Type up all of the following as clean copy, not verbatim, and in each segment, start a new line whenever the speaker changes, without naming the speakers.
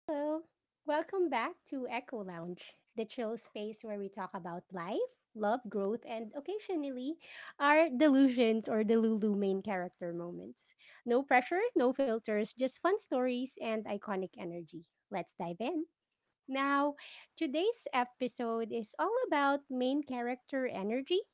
Hello. Welcome back to Echo Lounge, the chill space where we talk about life, love, growth, and occasionally our delusions or Delulu main character moments. No pressure, no filters, just fun stories and iconic energy. Let's dive in. Now, today's episode is all about main character energy.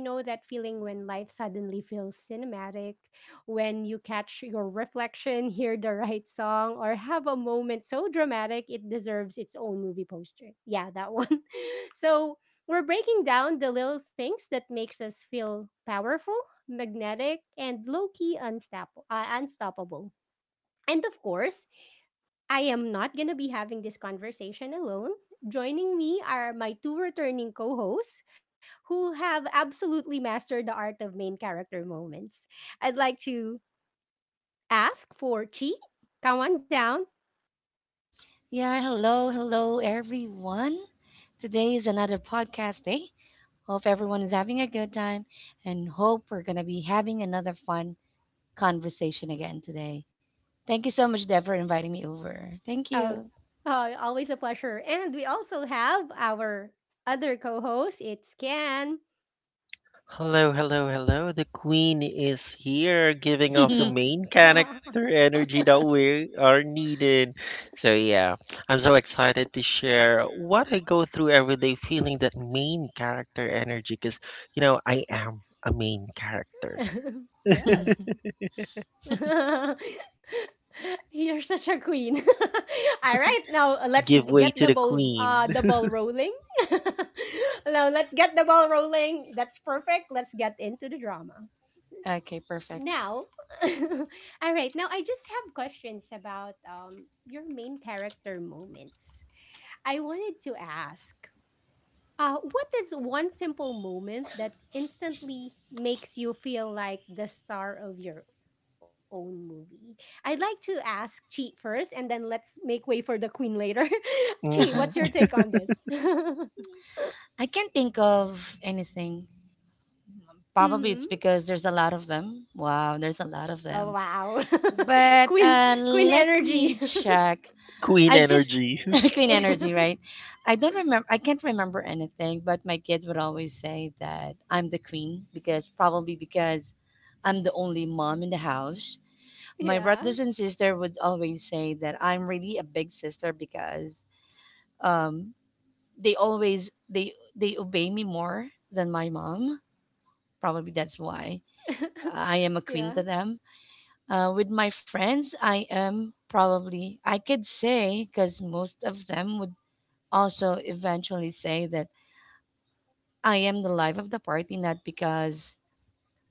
You know that feeling when life suddenly feels cinematic, when you catch your reflection, hear the right song, or have a moment so dramatic it deserves its own movie poster. Yeah, that one. So, we're breaking down the little things that makes us feel powerful, magnetic, and low-key unstoppable. And of course, I am not going to be having this conversation alone. Joining me are my two returning co hosts who have absolutely mastered the art of main character moments. I'd like to ask for Chi. Come on down.
Yeah, hello, hello, everyone. Today is another podcast day. Hope everyone is having a good time and hope we're going to be having another fun conversation again today. Thank you so much, Deb, for inviting me over. Thank
Oh,
you.
always a pleasure. And we also have our other co host, it's Ken.
Hello, hello, hello. The queen is here giving off the main character energy that we are needed. Yeah, I'm so excited to share what I go through every day feeling that main character energy because, you know, I am a main character.
Yes. You're such a queen. All right, now let's get the
Give
ball
way to the queen.
rolling. Now let's get the ball rolling. That's perfect. Let's get into the drama.
Okay, perfect.
Now, all right. Now I just have questions about your main character moments. I wanted to ask what is one simple moment that instantly makes you feel like the star of your own movie? I'd like to ask Chi first, and then let's make way for the queen later. Chi, what's your take
I
hmm
on this?
can't think of anything. Probably
Hmm.
it's because there's a lot of them. Wow, there's a lot of
Oh
them.
wow,
But
queen queen
let me
energy.
check.
Queen
I just
energy.
Queen Energy, right? I don't remember. I can't remember anything, but my kids would always say that I'm the queen because probably because I'm the only mom in the house. My
Yeah,
brothers and sister would always say that I'm really a big sister because um, they always they obey me more than my mom. Probably that's why I am a queen
yeah.
to them. With my friends, I am probably I could say because most of them would also eventually say that I am the life of the party, not because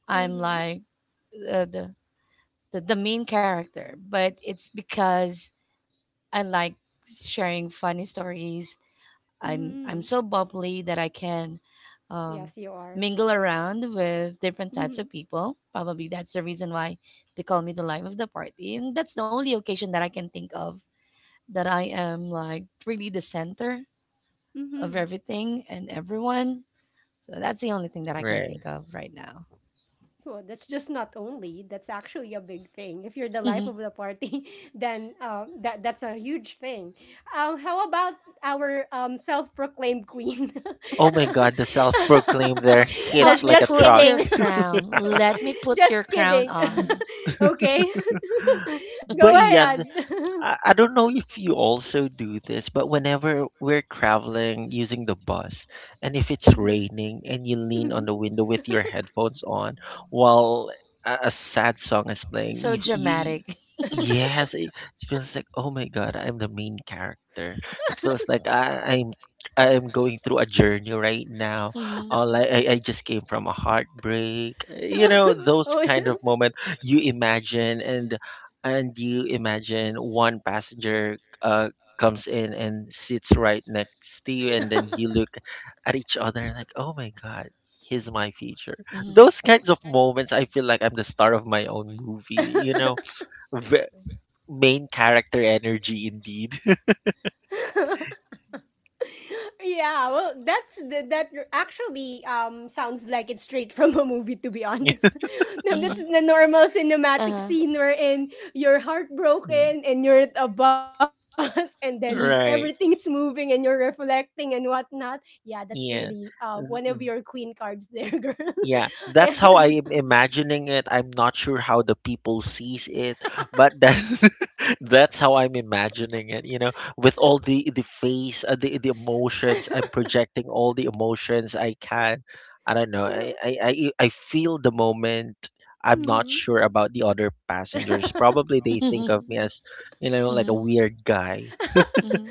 I'm
Mm-hmm.
like the, the main character, but it's because I like sharing funny stories. I'm
Mm-hmm.
so bubbly that I can um,
Yes, you are.
mingle around with different types
Mm-hmm.
of people. Probably that's the reason why they call me the life of the party, and that's the only occasion that I can think of that I am like really the center of
Mm-hmm.
everything and everyone. So that's the only thing that I can
Right.
think of right now.
Well, that's just not only, that's actually a big thing. If you're the life of the party, then that's a huge thing. How about our self-proclaimed queen?
Oh my god, the self proclaimed there
Let
Oh,
hits
me
like a
just
put
truck.
your
kidding.
crown. Let me put your
Just
crown
kidding.
on.
Okay. Go
But yeah,
ahead.
I don't know if you also do this, but whenever we're traveling using the bus, and if it's raining and you lean
Mhm.
on the window with your headphones on while a sad song is playing,
So
you
dramatic.
yes, it feels like oh my god, I'm the main character. It feels like I'm I'm going through a journey right now.
Mhm,
All like I just came from a heartbreak. You know those kind of moments you imagine and you imagine one passenger comes in and sits right next to you, and
Oh.
then you look at each other and like, oh my God, he's my future.
mhm,
Those kinds of moments, I feel like I'm the star of my own movie, you know, v- main character energy indeed.
Yeah, well, that's that, that actually sounds like it's straight from a movie to be honest.
mhm.
That's the normal cinematic
Uh-huh,
scene wherein you're
Mm,
heartbroken and you're at a bus and then
mhm,
everything's
right.
moving and you're reflecting and whatnot. Yeah, that's really
Yeah.
one of your queen cards there, girl.
Yeah, that's
And
how I am imagining it. I'm not sure how the people sees it, but that's that's how I'm imagining it. You know, with all the face, the emotions, I'm projecting all the emotions I can. I don't know. I I I, I feel the moment. I'm not
mhm.
sure about the other passengers. Probably they think
mhm,
of me as, you know, like
mhm,
a weird guy.
mhm.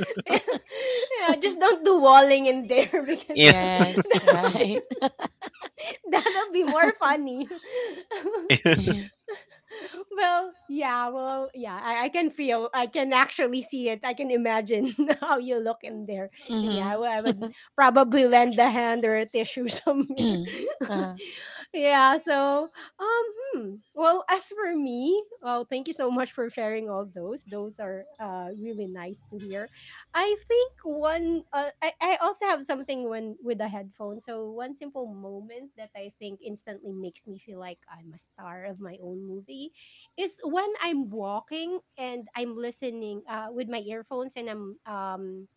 Yeah, just don't do walling in there
Yeah,
because
Yes, right.
that'll be more funny.
Mhm,
Well, yeah, well, yeah, I can feel, I can actually see it. I can imagine how you look in there. And yeah,
mhm.
I would probably lend a hand or a tissue somewhere.
Uh-huh.
Yeah, so, um, hmm. Well, as for me, well, thank you so much for sharing all those. Those are really nice to hear. I think one I also have something when with the headphone. So one simple moment that I think instantly makes me feel like I'm a star of my own movie is when I'm walking and I'm listening with my earphones and I'm um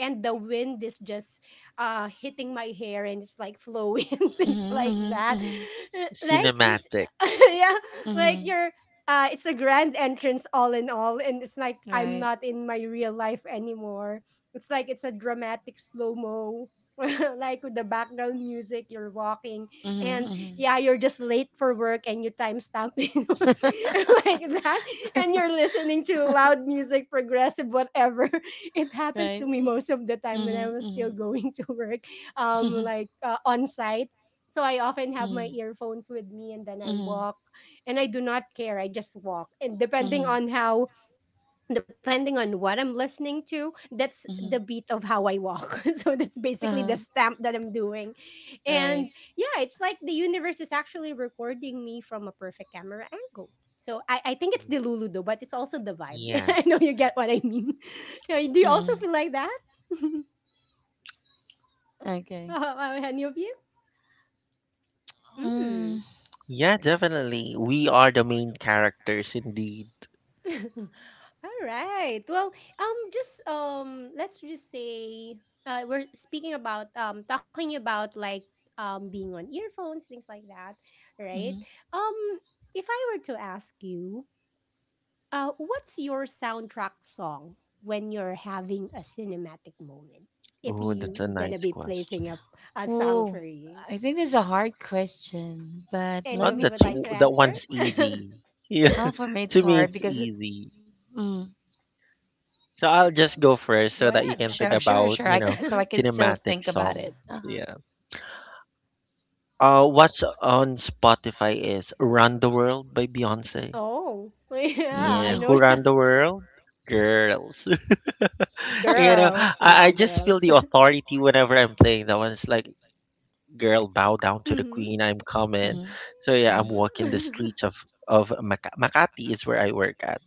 and the wind is just hitting my hair and it's like flowing and things
Mhm.
like
Mhm.
that.
Mhm.
Like it's-
cinematic.
yeah, like
Mhm.
you're it's a grand entrance all in all and it's like I'm
Right.
not in my real life anymore. It's like it's a dramatic slow mo like with the background music. You're walking
Mhm.
and
Mhm.
yeah, you're just late for work and you timestamp it like that and you're listening to loud music progressive whatever. It happens
Right.
to me most of the time when I
Mhm.
was still
Mhm.
going to work, on site. So I often have my
Mhm.
earphones with me and then I
Mhm.
walk and I do not care. I just walk. And
Mhm.
depending on what I'm listening to, that's the
Mhm.
beat of how I walk. So that's basically the
Uh-huh.
stamp that I'm doing. And
Right.
yeah, it's like the universe is actually recording me from a perfect camera angle. So I think it's the Luludo, but it's also the vibe.
Yeah.
I know you get what I mean. Yeah, do you also
Mm.
feel like that?
Okay.
Any of you?
Mm.
Mm.
Yeah, definitely. We are the main characters indeed.
All right. Well, just let's just say we're speaking about talking about like being on earphones, things like that, right?
Mhm.
Um, if I were to ask you, what's your soundtrack song when you're having a cinematic moment? If
Oh, that's a
you're gonna
nice
be placing
question.
up a song
Oh,
for you,
I think this is a hard question, but
any of
let
Oh,
you would
me
that's
like to
think.
that
answer,
one's easy. Yeah,
Oh, for me it's
to me
hard
it's
because
easy.
mm,
So I'll
go
just go
ahead.
first so that you can think
sure, sure,
about,
sure.
you know,
So I can still
cinematic
think about
songs.
it. Uh-huh.
Yeah. What's on Spotify is Run the World by Beyonce.
Oh, yeah, I
Yeah,
know.
Mm.
who run the world? Girls. You know,
Girls, yeah,
I just
girls.
feel the authority whenever I'm playing that one. It's like girl bow down to the
Mhm.
queen, I'm coming.
Mhm.
So yeah, I'm
Mhm.
walking the streets of Makati is where I work at.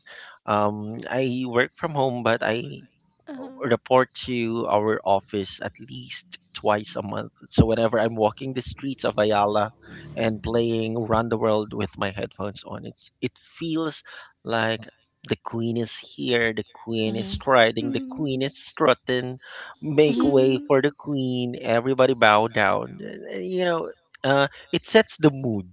I work from home but I
Uh-huh.
report to our office at least twice a month. So whenever I'm walking the streets of Ayala and playing Run the World with my headphones on, it's it feels like the queen is here, the queen is
Mm-hmm.
striding, the
Mhm.
queen is strutting, make
Mm-hmm.
Mhm.
way for the queen, everybody bow down. You know, it sets the mood.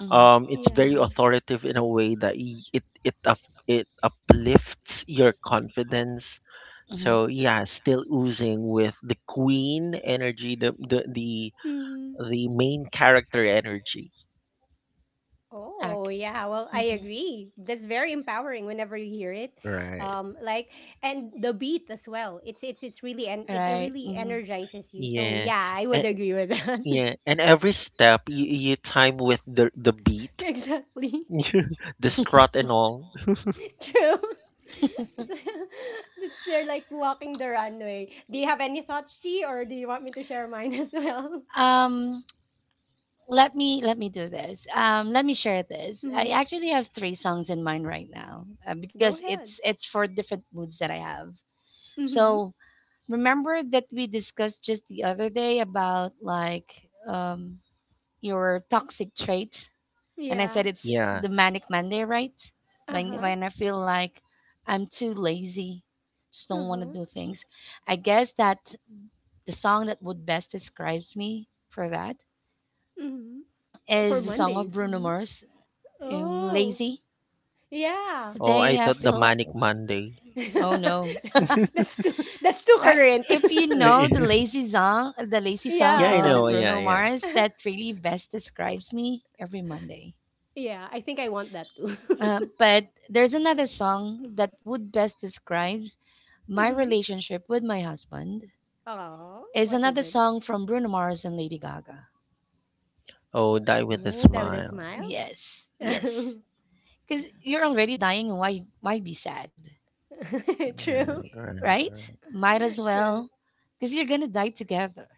Mm-hmm.
It's very
Yeah.
authoritative in a way that it it uplifts your confidence.
Mm-hmm.
So yeah, still oozing with the queen energy, the the the,
Mhm.
the main character energy.
Oh,
Okay.
yeah. Well, I
Mm-hmm.
agree. That's very empowering whenever you hear it.
Right.
Like and the beat as well. It's really and it
Right.
really
Mhm.
energizes you. So,
Yeah,
yeah, I
and,
would agree with that.
yeah, and every step you time with the beat,
Exactly.
the strut and all.
True. It's they're like walking the runway. Do you have any thoughts, Chi, or do you want me to share mine as well?
Um, let me do this. Let me share
Mhm.
this. I actually have three songs in mind right now
Go
because it's
ahead.
it's for different moods that I have.
Mhm.
So remember that we discussed just the other day about like your toxic traits. And I
Yeah.
said it's
Yeah.
the manic Monday, right? When
Uh-huh.
when I feel like I'm too lazy, just don't want
Uh-huh.
to do things. I guess that the song that would best describes me for that
Mhm. For
is the song of
Mondays.
Bruno
Mhm.
Mars,
Oh.
"Lazy."
Yeah.
Oh,
Today
I
I
thought the
feel like
manic Monday.
Oh no.
that's too that's too
Right.
current.
If you know
Yeah,
the lazy song
Yeah.
I know.
of
Yeah,
Bruno
yeah.
Mars, that really best describes me every Monday.
Yeah, I think I want that too.
But there's another song that would best describes my
Mhm.
relationship with my husband.
Oh,
Is
what
another
is it?
song from Bruno Mars and Lady Gaga.
Oh, die with a
Oh, that with a
smile.
smile?
Yes, yes. Because you're already dying, and why be sad,
True.
Right, right,
right?
right.
Might as
True.
well, because you're gonna die together.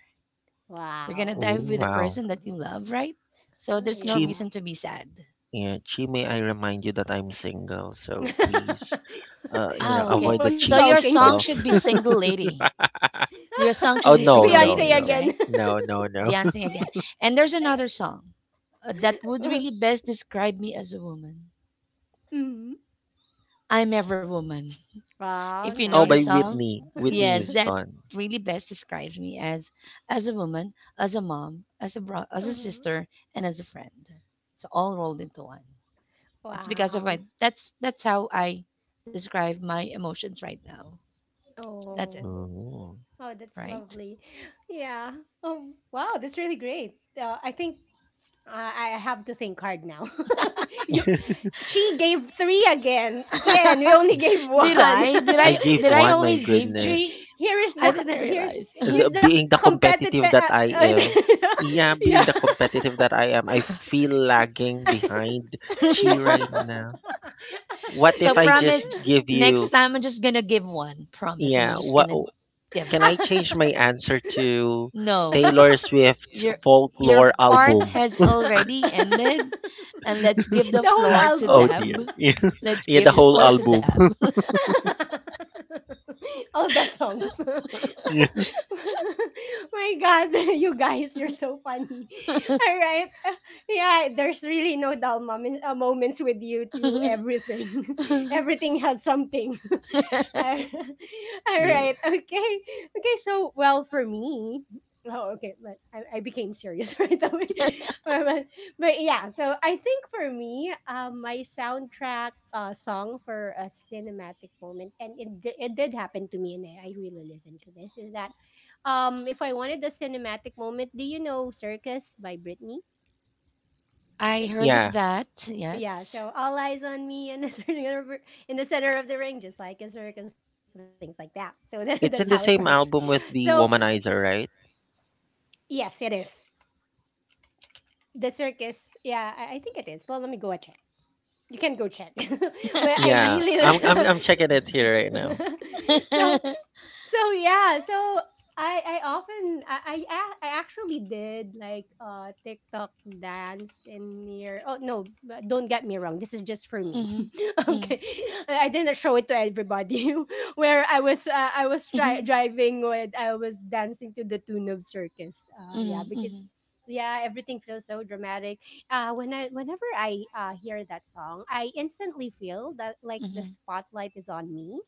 You're gonna
Wow.
Oh,
die with the
wow.
person that
Mhm.
you love, right? So there's no
Chi,
reason
Yeah.
to be sad.
yeah, Chi, may I remind you that I'm single, so please, you know,
Oh, okay.
avoid
Someone
the
So
cheesy
sulking.
your song
stuff.
should be "Single Lady." Your song should
Oh
be
no,
"Single
no,
Beyonce
Ladies,"
no,
again.
right?
no, no, no.
Beyonce again. And there's another song, that would really best describe me as a woman.
Mhm.
I'm every woman. If
Wow,
you know
Oh,
the
by
nice.
song,
Whitney, Whitney
yes, that
Houston.
really best describes me as a woman, as a mom, as a as a
Uh-huh.
sister, and as a friend. So all rolled into one. It's because of my
Wow.
that's how I describe my emotions right now. That's it,
Oh.
Oh.
Oh, that's
right?
lovely. Yeah. Oh, wow, that's really great. I think I have to think hard now. You she gave 3 again. Ken, we only gave
Did
1.
I? Did
I
I?
gave
Did I
one. My
always give
goodness,
tree?
Here is
I
the
didn't
here
realize.
the,
here's
being
the
the
competitive
competitive that I am.
uh,
Yeah,
yeah.
being the competitive that I am, I feel lagging behind Chi
Yeah.
right now. What if
So
I just
promise
give
next
you?
time I'm just gonna give one. Promise I'm
Yeah,
just
what
gonna give
can I
one.
change my answer to
No,
Taylor Swift's
your your
folklore
part
album?
has already ended, and let's
The
give the
whole
floor to
album.
Oh dear.
Deb.
Yeah,
Let's
yeah the
give the
whole
floor to
album.
Deb.
All the songs.
Yeah.
My God, you guys, you're so funny. All right. Yeah, there's really no dull moment, moments with you two. Everything. Everything has something. All
Yeah.
right, okay, okay. So well for me, oh okay, but I became serious right away but, but- but yeah. So I think for me, my soundtrack song for a cinematic moment, and it, it did happen to me and I really listened to this, is that if I wanted the cinematic moment, do you know Circus by Britney?
I heard of
Yeah.
that.
Yeah,
Yes.
so all eyes on me in the in the center of the ring, just like a circus, things like that. So that, that's how it
It's in
works.
the same album
So
with the Womanizer, right?
yes, it is the circus. Yeah, I think it is. Well, let me go and check. You can go check, but I
Yeah.
really
I'm checking it here right now.
so so yeah so I often I, a- I actually did like tiktok dance in near. Oh no, don't get me wrong, this is just for me.
Mhm.
Okay,
Mhm.
I didn't show it to everybody. Where I was
Mhm.
driving with I was dancing to the tune of Circus, yeah,
Mhm.
because
Mhm.
yeah, everything feels so dramatic when I whenever I hear that song, I instantly feel that like the
Mhm.
spotlight is on me,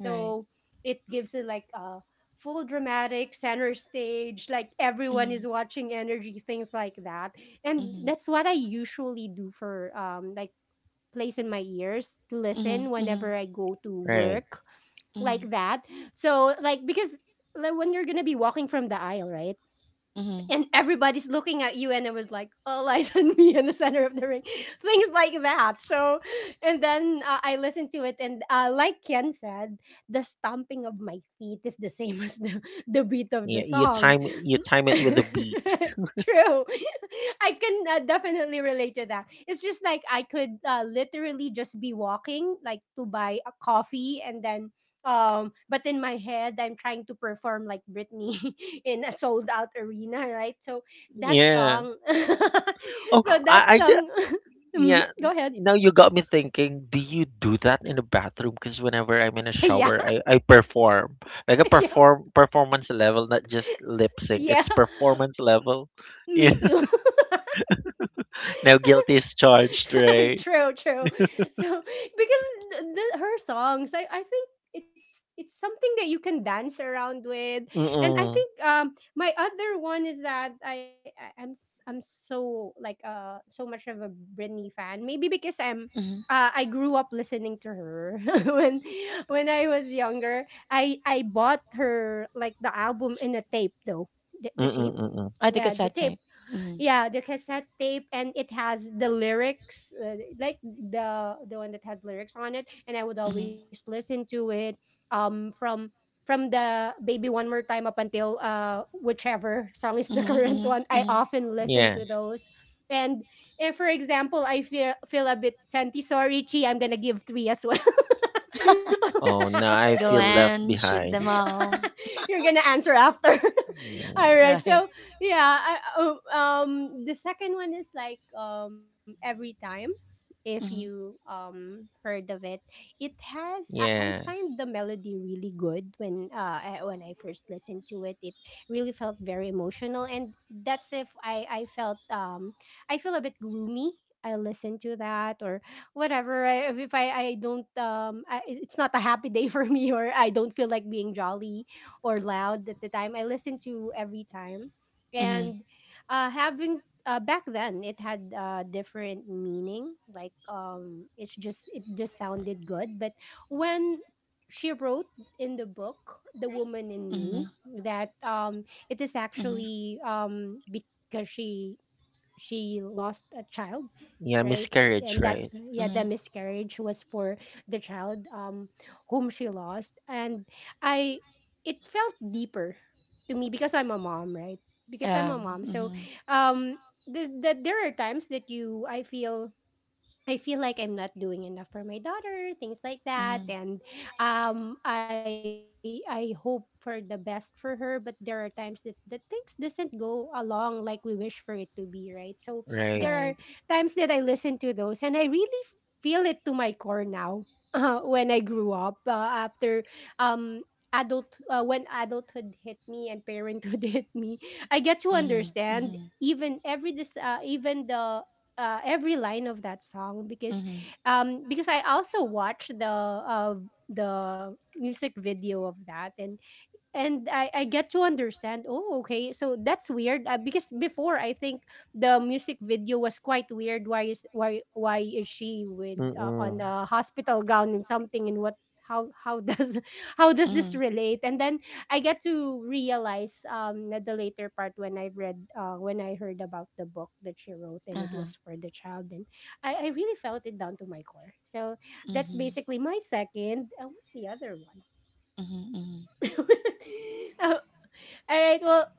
Right.
it gives it like a full dramatic center stage, like everyone is
Mhm.
watching energy, things like that. And
Mhm.
that's what I usually do for like place in my ears to
Mhm.
listen
Mhm.
whenever I go to
Right.
work like
Mhm.
that. So like because like when you're gonna be walking from the aisle, right,
Mhm.
and everybody's looking at you and it was like all eyes on me in the center of the ring, things like that. So and then I listened to it and like Ken said, the stomping of my feet is the same as the beat of the
Yeah,
song.
you time it with a beat.
True. I can definitely relate to that. It's just like I could literally just be walking like to buy a coffee and then but in my head I'm trying to perform like Britney in a sold out arena, right? So that
Yeah.
song
Oh,
so that song. Mhm,
yeah,
go ahead.
now you got me thinking, do you do that in the bathroom? Because whenever I'm in a
Yeah.
shower, I perform. Like a
Yeah
performance level, not just lip sync.
yeah
It's performance level. Yeah.
me too.
Now guilty is charged, right?
True, true. So because her songs, I think it's something that you can dance around with. And I think
Mm,
my other one is that I'm so like so much of a Britney fan. Maybe because I'm
Mhm.
I grew up listening to her when when I was younger. I bought her like the album in a tape though
mm,
the tape.
mm.
I
Yeah,
think it's
the
that
tape.
type. Mhm.
Yeah, the cassette tape and it has the lyrics, like the one that has lyrics on it, and I would always
Mhm.
listen to it um from from the baby one more time up until whichever song is the
Mhm.
current one.
Mhm.
I
Mhm.
often listen
Yeah.
to those. And if, for example, I feel a bit senti sorry, Chi, I'm gonna give three as well.
Oh, now I
Go
feel left
and shoot them
behind.
all.
You're gonna answer after. All
Mm,
right.
Right.
So yeah, the second one is like, every time, if you,
Mhm.
heard of it, it has I
yeah.
find the melody really good when when I first listened to it. It really felt very emotional. And that's, if I felt, I feel a bit gloomy, I listen to that, or whatever. If I don't, it's not a happy day for me, or I don't feel like being jolly or loud at the time I listen to, every time.
Mhm.
And having, back then it had different meaning, like, it just sounded good. But when she wrote in the book The Woman in
Mhm.
Me, that it is
Mhm.
actually, because she lost a child,
Yeah,
right?
miscarriage,
And
right?
that's, yeah,
Mhm.
the miscarriage was for the child, whom she lost. And I it felt deeper to me because I'm a mom, right? Because I'm a mom. So,
Mhm.
um there are times that you I feel like I'm not doing enough for my daughter, things like that.
Mhm.
And, I hope for the best for her, but there are times that, things doesn't go along like we wish for it to be, right? So there
Right.
are
Right.
times that I listen to those and I really feel it to my core now. When I grew up, after um adult when adulthood hit me and parenthood hit me, I get to
Mhm.
understand
Mhm.
even every dis- even the every line of that song, because,
Mhm.
because I also watched the the music video of that. And I get to understand, oh, okay, so that's weird, because before I think the music video was quite weird. Why is she with on
Mm-mm.
a hospital gown and something, and what how does how does this
Mhm.
relate? And then I get to realize, at the later part, when I read when I heard about the book that she wrote, and
Uh
it
huh.
was for the child, and I really felt it down to my core. So that's
Mhm.
basically my second, what's the other one?
Mhm. Mhm.
Uh, all right. Well,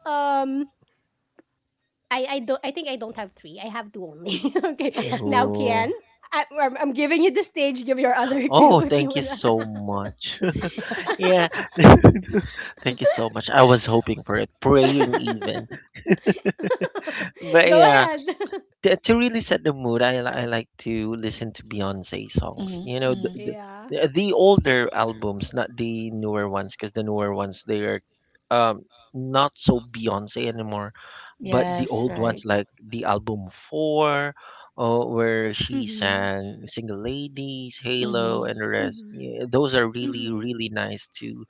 I don't. I think I don't have three. I have two only. Okay. Now, Kian,
Ooh.
I'm giving you the stage. Give your other two if
Oh,
you would.
thank you so much. Yeah. Thank you so much. I was hoping for it, praying even. But
Go
yeah,
ahead.
to really set the mood, I like to listen to Beyonce songs.
Mhm.
You know,
Mhm.
the, the,
Yeah.
the the older albums, not the newer ones, because the newer ones, they are um, not so Beyonce anymore. But the
Yes.
old
Right.
ones, like the album 4, where she
Mm-hmm.
sang Single Ladies, Halo,
Mhm.
and the rest,
Mm-hmm.
yeah, those are really,
Mm-hmm.
really nice to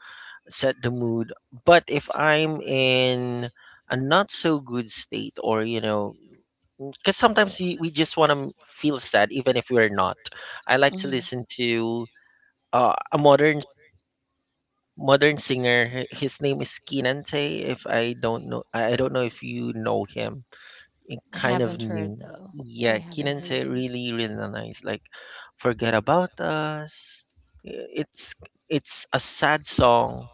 set the mood. But if I'm in a not so good state or you know because sometimes we just want to feel sad even if we're not, I like to
Mhm.
listen to a modern singer. Hi- his name is Kinante. If I don't know I don't know if you know him. It
I
kind of
Mm-hmm.
haven't
knew.
heard though.
I
Yeah,
haven't
Kinente
heard you.
really realized like forget about us. I- It's it's a sad song,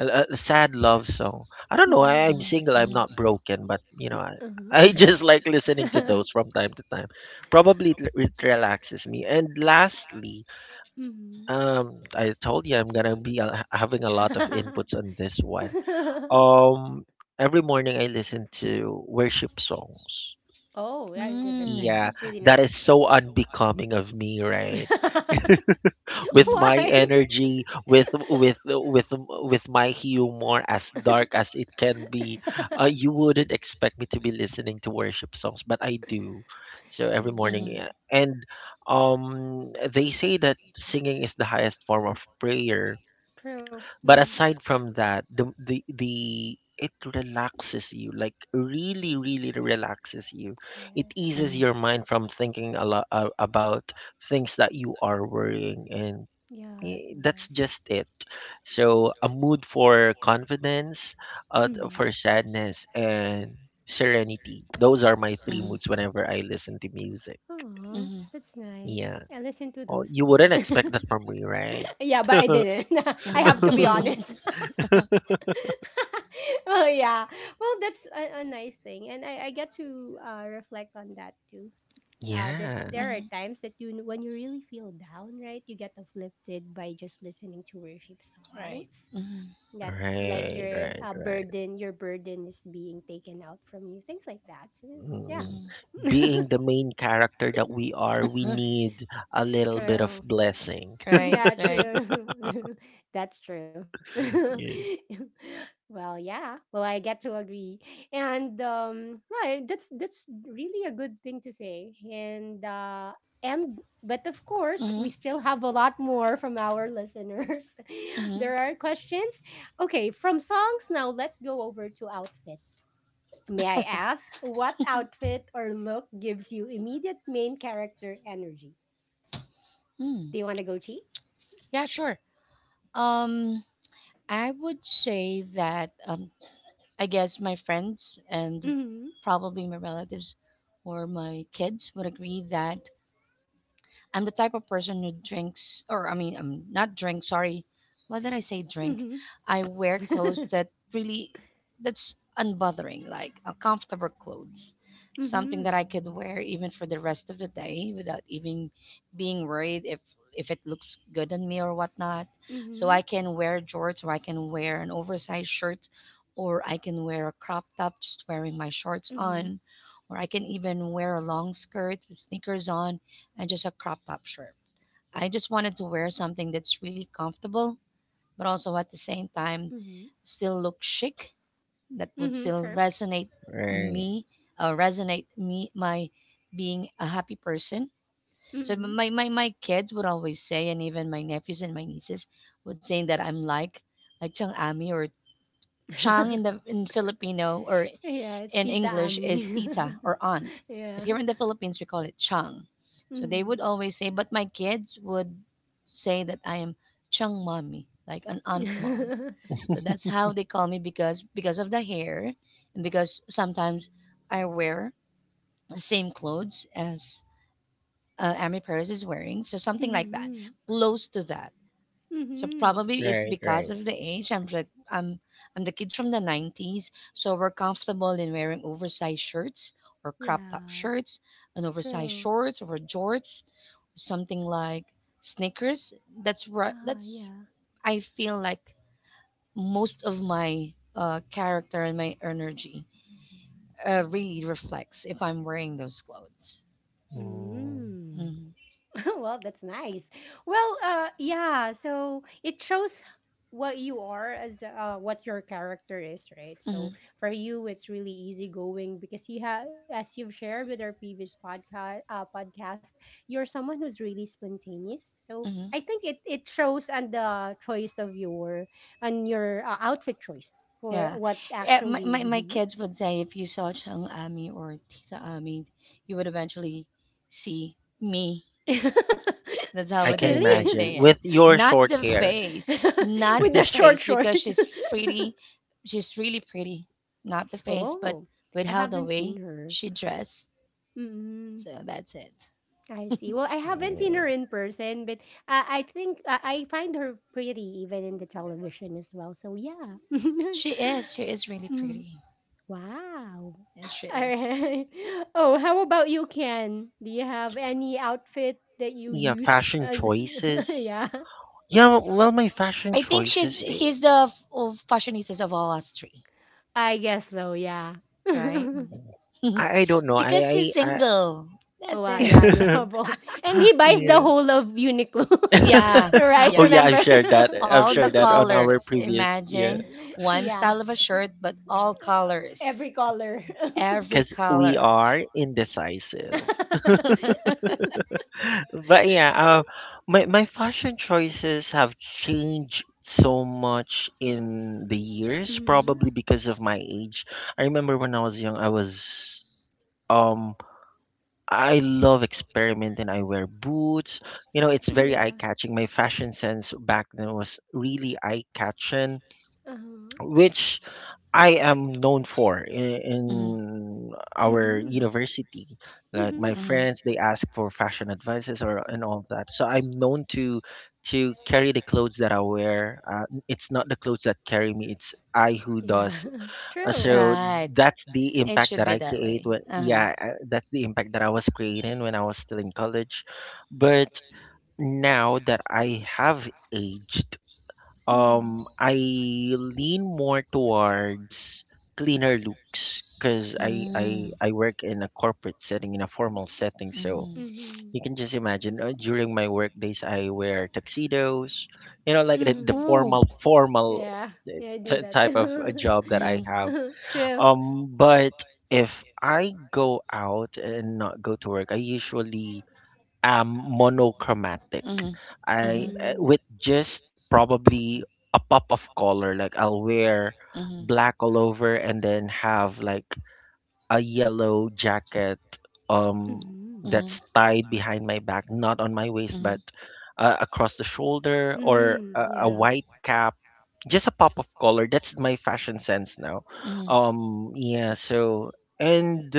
a sad love song. I don't know. I,
Mm-hmm.
I'm
Mhm,
single. I'm
mhm,
not broken, but you know, I,
Uh-huh.
I
mhm.
just like listening to those from time to time. Probably it, it relaxes me. And lastly,
Mm-hmm.
I told you I'm gonna be having a lot of inputs on this one. Um, every morning I listen to worship songs.
Oh yeah, yeah. That's nice.
Mm,
Yeah,
That's really
that
nice.
is so unbecoming of me, right? With
mhm,
my
Why?
energy, with my humor as dark as it can be, you wouldn't expect me to be listening to worship songs, but I do. So every
Mm,
morning,
mhm,
yeah. and They say that singing is the highest form of prayer.
true. Mhm.
But aside from that, the it relaxes you, like really, really relaxes you. It
Yes.
eases
mhm,
your mind from thinking a lot about things that you are worrying, and
Yeah,
eh,
it does.
that's just it. So a mood for confidence,
Mm-hmm.
for sadness, and serenity. Those are my three moods whenever I listen to music.
Aw,
mhm,
that's nice.
Yeah.
I listened to
Oh,
those
you
too.
wouldn't expect that from me, right?
Yeah, but I didn't. I have to
mhm,
be
mhm,
honest. Well, yeah. Well, that's a nice thing, and I get to, reflect on that too. That
Yeah.
there are
mhm.
times that you when you really feel down, right? You get uplifted by just listening to worship
Right.
songs,
Mhm,
that, like,
Right.
your,
Right. Right.
burden, your burden is being taken out from you, things like that. So, mm,
Mm.
mhm.
yeah,
Being the main character that we are, we need a little bit of
true.
blessing.
Right,
Yeah,
right.
true. That's true.
Yeah.
Well, yeah. Well, I get to agree, and, right. That's really a good thing to say, and, and but of course, we
Mhm,
still have a lot more from our listeners.
mhm,
There are questions. Okay, from songs now, let's go over to outfit. May I ask, what outfit or look gives you immediate main character energy?
mm.
Do you want to go, Chi?
Yeah, sure. Um, I would say that I guess my friends and
Mm-hmm.
probably my relatives or my kids would agree that I'm the type of person who drinks, or I mean, not drink. Sorry, what did I say? Drink.
Mm-hmm.
I wear clothes that really, that's unbothering, like comfortable clothes, something
Mm-hmm.
that I could wear even for the rest of the day without even being worried if it looks good on me or whatnot. So
Mm-hmm.
I can wear jorts, or I can wear an oversized shirt, or I can wear a crop top just wearing my shorts
Mm-hmm.
on. Or I can even wear a long skirt with sneakers on and just a crop top shirt. I just wanted to wear something that's really comfortable, but also at the same time
Mm-hmm.
still look chic that would
Mm-hmm.
still
True.
Right,
me resonate me my being a happy person. So my, my kids would always say and even my nephews and my nieces would say that I'm like Chang Ami or Chang in
Mm-hmm.
the in Filipino or
Yeah, it's
in
Tita
English is
Ami.
tita or aunt, but
Yeah.
here in the Philippines we call it chang. So they
Mm-hmm.
would always say, but my kids would say that I am chang mommy, like an aunt mom. So that's how they call me because of the hair and because sometimes I wear the same clothes as Amy Perez is wearing. So something like that,
Mm-hmm.
close to that. So
Mm-hmm.
probably it's
right,
because
right.
of the age. I'm I'm the kids from the 90s, so we're comfortable in wearing oversized shirts or crop top
Yeah.
shirts, and oversized
True.
shorts or jorts, something like sneakers. That's right.
Ah,
That's
yeah.
I feel like most of my character and my energy really reflects if I'm wearing those clothes.
Mm,
Mm.
Mm-hmm.
Well, that's nice. Well, yeah. So it shows what you are as, what your character is, right? So
Mm-hmm.
for you, it's really easygoing because you have, as you've shared with our previous podcast, you're someone who's really spontaneous. So
Mm-hmm.
I think it shows on the choice of your, on your, outfit choice for
Yeah.
what
Eh, my,
actually.
my
Mhm.
kids would say if you saw Chang Ami or Tita Ami, you would eventually see me. That's
I
how
can
they
imagine
Really.
say it.
with your
Not
short
the
hair.
face. Not
With
the
the
face
short
because she's pretty. She's really pretty. Not the face, but
Oh,
with
I
how the
haven't seen
way
her.
she dressed.
Mm,
So that's it.
I see. Well, I haven't seen
Yeah,
her in person, but, I think, I find her pretty even in the television as well. So yeah.
She is. She is really
Mm,
pretty.
wow.
Yes, she
All
is.
right. Oh, how about you, Ken? Do you have any outfit that you
yeah,
use
fashion
as?
choices.
Yeah,
Yeah, well, my fashion
I think
choices.
she's
Eh,
he's the of fashionistas of all us three,
I guess so. Yeah.
right?
I don't know.
because she's
I
single.
Oh,
That's
wow.
it.
Yeah, you have all, and he buys the
yeah.
whole of Uniqlo,
Yeah,
right?
Oh
yeah.
yeah, I've
Remember?
shared that. I've
All the
shared that on our
colors.
previous yeah,
Imagine one
Yeah,
style of a shirt, but all
every
colors.
color.
Every
because we are
colors.
indecisive. But yeah, uh, my fashion choices have changed so much in the
Hmm.
years, probably because of my age. I remember when I was young, I was um I love experiment and I wear boots. You know, it's very
Yeah.
eye-catching. My fashion sense back then was really eye-catching,
Uh-huh.
which I am known for
Hmm
in our
Mm-hmm.
university. Like my
Mm-hmm.
hmm.
friends, they ask for fashion advices or and all of that. So I'm known to carry the clothes that I wear. It's not the clothes that carry me; it's I who
Yeah.
does.
True.
So
Right.
that's the
It
impact
should
that
be
I
that
create.
way.
When
Uh-huh.
yeah, that's the impact that I was creating when I was still in college. But now that I have aged,
Mm-hmm.
I lean more towards cleaner looks because I
Mm.
I work in a corporate setting in a formal setting. So
Mm-hmm.
Mm-hmm.
you can just imagine during my work days I wear tuxedos, you know, like the, the
Mm-hmm.
Ooh.
formal formal
Yeah. Yeah, I do that.
type of a job that I
Mm-hmm.
have.
True.
But if I go out and not go to work, I usually monochromatic.
Mm-hmm. Mm-hmm.
I
Mm-hmm.
With just probably a pop of color. Like I'll wear
Mm-hmm.
black all over and then have like a yellow jacket um
Mm-hmm.
that's tied behind my back, not on my waist
Mm-hmm.
but across the shoulder or
Mm-hmm.
a
Yeah.
white cap. Just a pop of color. That's my fashion sense now.
Mm-hmm.
Yeah, so and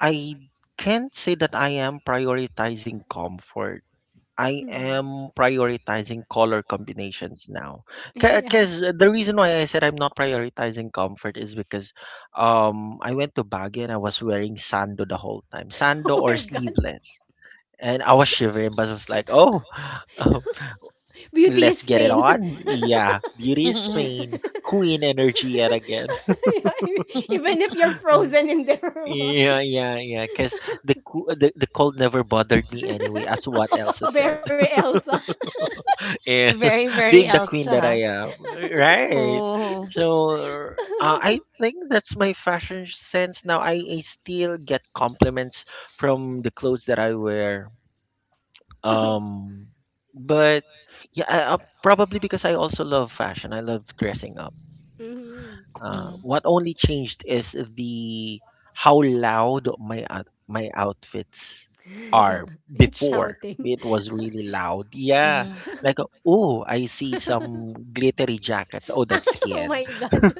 I can't say that I am prioritizing comfort, I
Mm-hmm.
am prioritizing color combinations now.
Yeah.
Because the reason why I said I'm not prioritizing comfort is because I went to Baguio and I was wearing sando the whole time, sando
Oh
or
my god.
sleeveless. And I was shivering, but I was like, oh,
Beauty
let's
is
get it
pain.
on. Yeah, beauty is
Mm-hmm.
pain, queen energy yet again.
Yeah, even if you're
Mm.
frozen in there.
Yeah, yeah, yeah. Because the, the cold never bothered me anyway, as what Elsa said.
Very Elsa.
very, very
Being the
Elsa,
queen that
huh?
I am. Right.
Ooh.
So I think that's my fashion sense now. I still get compliments from the clothes that I wear. Um, but yeah, I, probably because I also love fashion. I love dressing up.
Mhm.
Mhm.
What only changed is the how loud my my outfits
Yeah.
are
It's
before.
shouting.
It was really loud. Yeah.
Mhm.
Like, oh, I see some glittery jackets. Oh, that's
Oh
skin.
my god.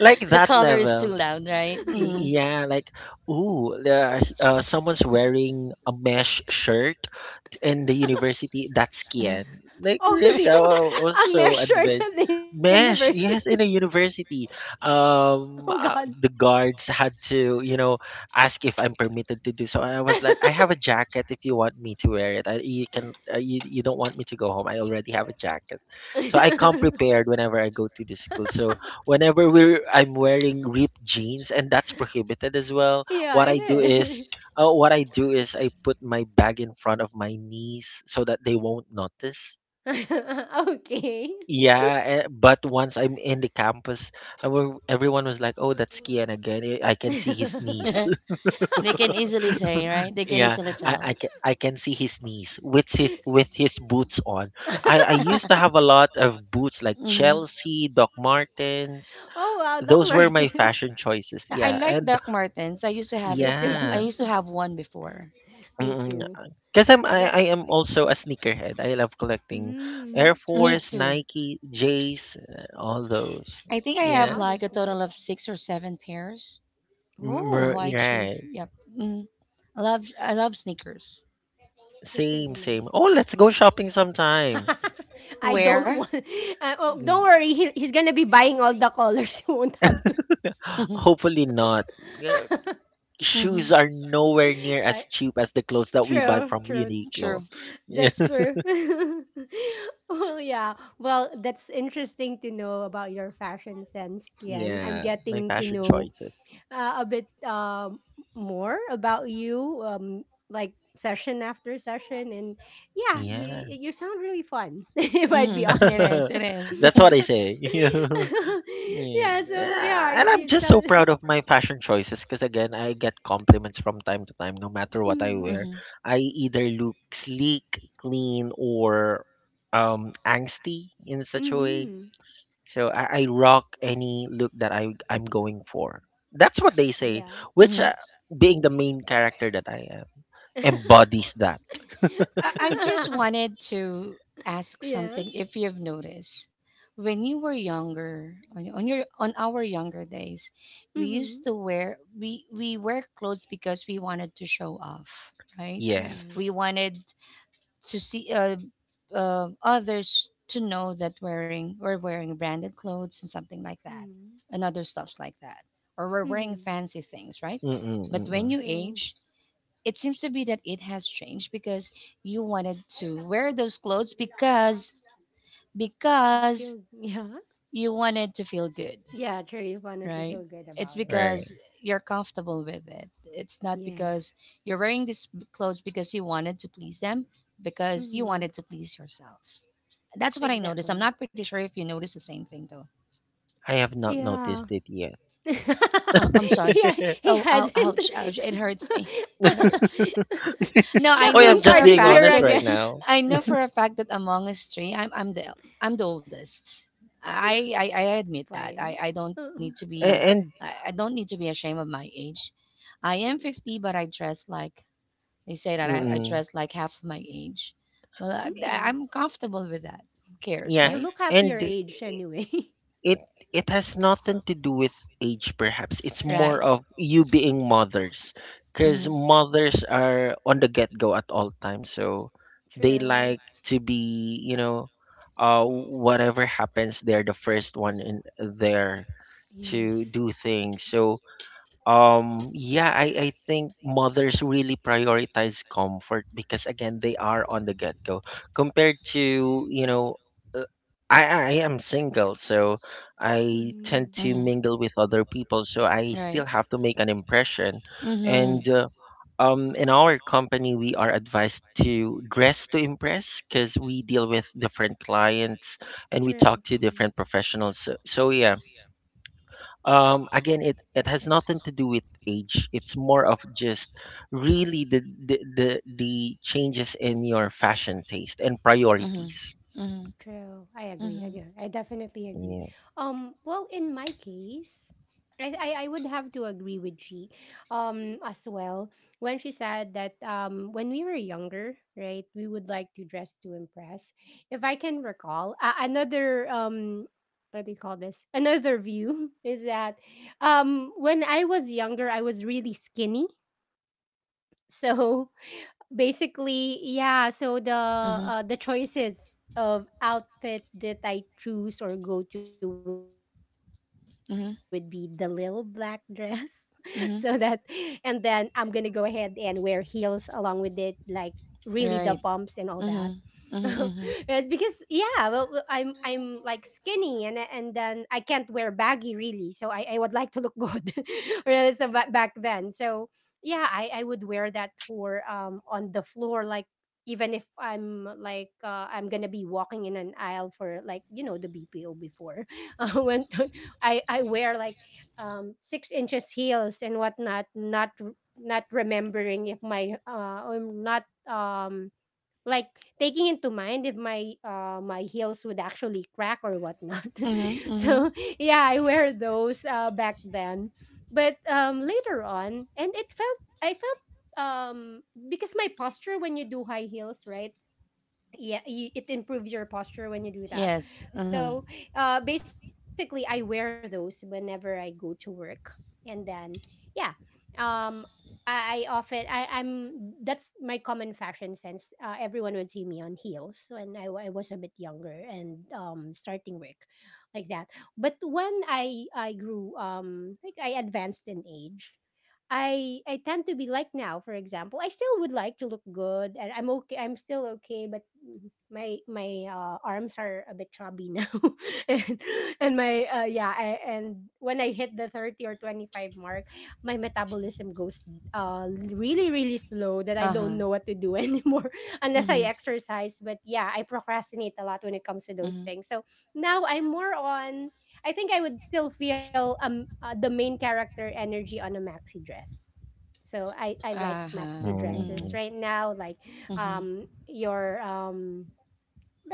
Like
The
that
color is too
level.
loud, right? Hmm
Yeah, like, ooh, someone's wearing a mesh shirt in the university. That's
hmm.
Kian. Like,
Oh,
really,
sure.
I was
A
so
measure at
advanced.
the
Mesh,
university.
yes, in a university,
Oh god.
the guards had to, ask if I'm permitted to do so. I was like, "I have a jacket if you want me to wear it. You can, you don't want me to go home. I already have a jacket, so I come prepared whenever I go to the school. So whenever I'm wearing ripped jeans, and that's prohibited as well."
Yeah,
What
it
I do is
is.
oh, what I do is I put my bag in front of my knees so that they won't notice.
Okay.
Yeah, but once I'm in the campus, everyone was like, "Oh, that's Kian again. Eh, I can see his knees."
They can easily say, right? They can
Yeah,
easily
I, I
tell.
can I can see his knees with his boots on. I used to have a lot of boots like
Hmm.
Chelsea, Doc Martens.
Oh wow, Doc
Those were my
Martens.
fashion choices.
I
Yeah,
like
and
Doc Martens. I used to have it.
Me
I
yeah.
used
too.
to have one before.
Me
Mm,
too.
ah, I'm I
The
I am also a sneakerhead. I love collecting
mm,
Air
Me
Force,
too.
Nike, Jays, all those.
I think I have
Yeah,
no,
like a
that's
total
nice.
of six or seven pairs of
Oh,
white shoes.
right.
Yep. Mm. I love sneakers.
that's
Same,
really
same.
nice.
Oh, let's go shopping sometime.
I don't
Where?
want. Oh,
Mm,
don't worry. He's gonna be buying all the colors. You won't have to.
Hmm.
Hopefully not. Uh, Shoes are nowhere near
I,
as cheap as the clothes that we buy
true,
from
true.
Uniqlo.
True.
That's true. Oh yeah. Well, that's interesting to know about your fashion sense, Kian. I'm
Yeah, my
getting to
fashion
know,
choices.
a bit, more about you, like, session after session, and yeah,
Yeah.
you sound really fun. If I'd be
Hmm. It
honest,
is. It is.
That's what I say. Yeah.
yeah. So
Yeah,
yeah,
and I'm
you
just so
sound.
proud of my fashion choices because again, I get compliments from time to time no matter what I
Mm,
wear.
Hmm
I either look sleek, clean, or angsty in such a way.
hmm.
So I rock any look that I'm going for. That's what they say,
Yeah.
which,
hmm.
being the main character that I am, embodies that.
I just wanted to ask
Yes.
something if you've noticed. When you were younger, on our younger days, we used
Mm-hmm.
to wear we wear clothes because we wanted to show off, right? We
Yes.
Yes.
wanted to see others to know that wearing we're wearing branded clothes and something like that,
Mm-hmm.
and other stuffs like that, or we're wearing
Mm-hmm.
fancy things, right?
Mm-mm,
But when
mm-mm.
you
True.
age, it seems to be that it has changed because you wanted to wear those clothes because
You
because
feel yeah.
you wanted to feel good,
Yeah, true. You wanted to
right?
feel good
It's
about it.
because
Right.
you're comfortable with it. It's not because
Yes.
you're wearing these clothes because you wanted to please them, because you wanted
Mm-hmm.
to please yourself. That's what I noticed. I'm not
Exactly.
pretty sure if you notice the same thing though.
I have not
Yeah.
noticed it yet.
Uh, I'm sorry.
Yeah,
Oh, yeah,
he
Oh,
hasn't.
ow, ouch ouch, it hurts
The
me, it hurts. No I know
queen
I'm
for
just
card
a
is
being
here
fact
honest
that
right
again.
now.
I know for a fact that among us three, I'm the oldest. I admit
It's
that.
fine.
I don't need
Uh-uh.
to be
And,
I don't need to be ashamed of my age. I am 50, but I dress like they say that I
mm-mm.
dress like half of my age. Well,
Mm.
I'm comfortable with that. Who cares,
Yeah,
You
right?
look half
and
your
eh,
age anyway.
it it has nothing to do with age. Perhaps it's
Right.
more of you being mothers, because
Hmm
mothers are on the get-go at all times, so they like
True.
to be, whatever happens, they're the first one in there
Yes.
to do things. So yeah, I think mothers really prioritize comfort because, again, they are on the get-go compared to, uh, I am single, so I tend
Mm-hmm.
to
hmm.
mingle with other people, so I
Right.
still have to make an impression.
Mm-hmm.
And in our company, we are advised to dress to impress because we deal with different clients and we
True.
talk to
Mm-hmm.
different professionals. So, yeah, again, it has nothing to do with age. It's more of just really the changes in your fashion taste and
Mm-hmm.
priorities.
True. I agree. I
Mm-hmm.
agree. I definitely agree.
Yeah.
Well, in my case, I would have to agree with G, as well when she said that, when we were younger, right, we would like to dress to impress. If I can recall, another, what do you call this? Another view is that, when I was younger, I was really skinny. So basically, yeah, so the,
Mm-hmm.
the choices of outfit that I choose or go to would be the little black
Mhm, mhm,
dress. So that, and then I'm going to
mhm.
go ahead and wear heels along with it, like, really the pumps and all
Right.
that.
Mhm, mhm,
It's because,
mhm,
yeah, well, I'm like skinny, and then I can't wear baggy, really, so I would like to look good really. So back then. So yeah, I would wear that for, on the floor, like, even if I'm gonna be walking in an aisle for, like, the BPO before. When I wear, like, 6 inches heels and whatnot, not remembering if my I'm not, um like, taking into mind if my heels would actually crack or whatnot.
mhm, mhm.
So yeah, I wear those back then. But, later on, and it felt I felt, um because my posture, when you do high heels, right? Yeah, it improves your posture when you do that.
Yes. Mhm.
So, basically, I wear those whenever I go to work. And then, yeah, um I often, I I'm that's my common fashion sense. Everyone would see me on heels when I was a bit younger and, starting work like that. But when I grew, like, I advanced in age. I tend to be like now, for example. I still would like to look good, and I'm okay. I'm still okay, but, my arms are a bit chubby now, and my, yeah, and when I hit the 30 or 25 mark, my metabolism goes really really slow, that I
Uh huh.
don't know what to do anymore unless
Mhm,
I exercise. But yeah, I procrastinate a lot when it comes to those
mhm.
things. So now, I'm more on I think I would still feel, the main character energy on a maxi dress. So I
Mm,
like
Uh
yeah.
huh.
maxi
Mhm,
dresses right now. Like,
mhm,
your,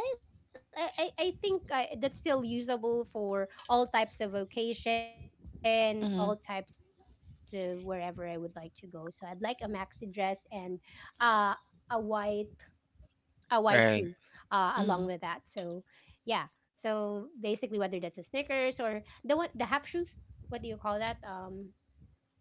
Like, I think, that's still usable for all types of vocation, all types of
mhm,
wherever I would like to go. So I'd like a maxi dress and, uh, a white shoe, along with
Right,
that. So
mhm.
yeah. So basically, whether that's a Snickers or the one the half shoes, what do you call that?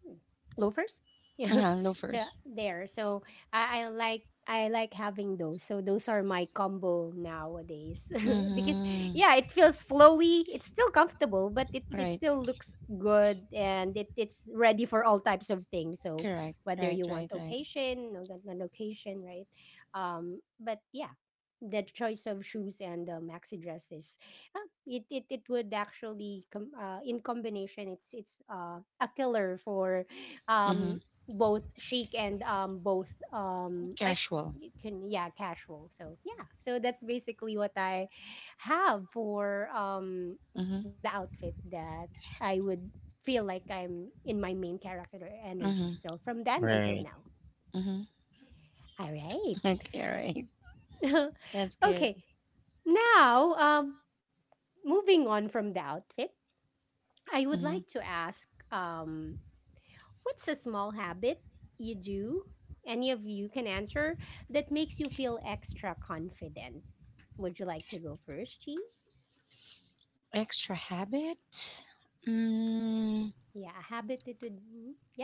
Loafers. Yeah,
Uh huh.
so
Loafers.
there so I like having those, so those are my combo nowadays. Because
Mhm.
yeah, it feels flowy, it's still comfortable, but it,
Right.
it still looks good and it's ready for all types of things. So
Correct. Right.
whether you
Right.
want
Right.
occasion, no, not occasion, right? But yeah, the choice of shoes and the maxi dresses. Ah, it would actually in combination it's a killer for
Mhm.
um both chic and both um, like,
Casual.
you can, yeah, casual. So yeah, so that's basically what I have for the
Mhm.
outfit that I would feel like I'm in my main character energy,
Mhm.
still from then until
right.
now.
Mhm.
All right.
Okay, right. That's good.
Okay, now moving on from the outfit, I would
Mhm.
like to ask, what's a small habit you do, any of you can answer, that makes you feel extra confident? Would you like to go first, Chi?
Extra habit?
Yeah, a
Mm,
habit that would, yeah,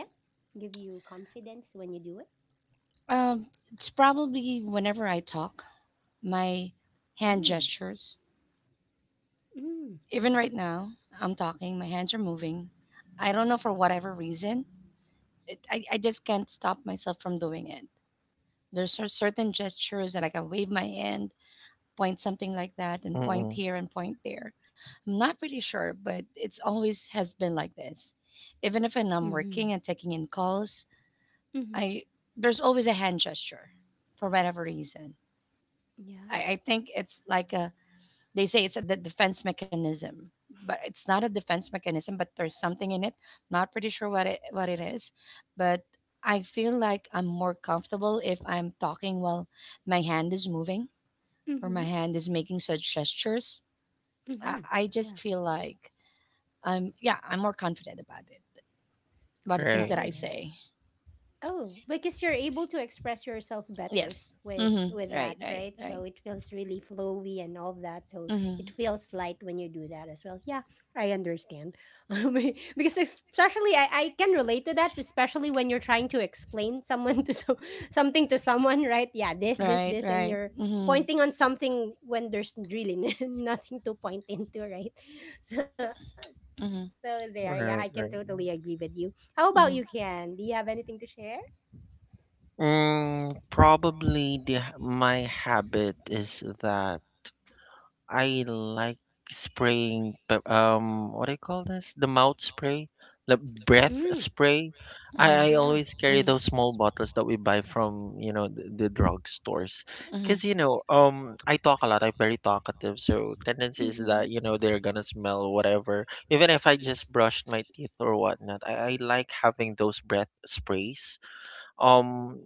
give you confidence when you do it.
um, it's probably whenever I talk, my
Mm,
hand gestures.
mm, yeah.
Even right now, I'm talking, my hands are moving. I don't know for whatever reason. I just can't stop myself from doing it. There's certain gestures that like I wave my hand, point something like that and point
Mm-mm.
here and point there. I'm not pretty sure, but it's always has been like this. Even if I'm
Mm-hmm,
working and taking in calls,
mm-hmm,
I there's always a hand gesture for whatever reason. I,
yeah.
I think it's like a they say it's a defense mechanism, but it's not a defense mechanism, but there's something in it. Not pretty sure what it is, but I feel like I'm more comfortable if I'm talking while my hand is moving or my
Mm-hmm,
hand is making such gestures. I,
mm-hmm,
I just
yeah.
feel like I'm yeah, I'm more confident about it, about the things that
Right,
Oh,
I
yeah.
say.
Oh, because you're able to express yourself better
Yes.
with
Mm-hmm.
that,
Right. Right.
right? So
Right.
it feels really flowy and all that. So it
Mm-hmm.
feels light when you do that as well. Yeah, I understand. Because especially I can relate to that, especially when you're trying to explain someone to so, something to someone, right? Yeah,
Right.
this, and
Right.
you're
Mm-hmm.
pointing on something when there's really nothing to point into, right? So so there, yeah, I
Mm-hmm.
can totally agree
right,
with
right.
you. How about you, Ken? Do you have
Mm-hmm.
anything to share?
Probably my habit is that I like spraying, what do you call this? The mouth spray, the breath spray. I
Yeah.
always
Mm-hmm.
carry
Mm-hmm.
those small bottles that we buy from, the drugstores.
Mm-hmm. Mm-hmm.
Because, I talk a lot. I'm very talkative. So tendency is
Mhm.
that, they're gonna smell whatever. Even if I just brushed my teeth or whatnot, I like having those breath sprays um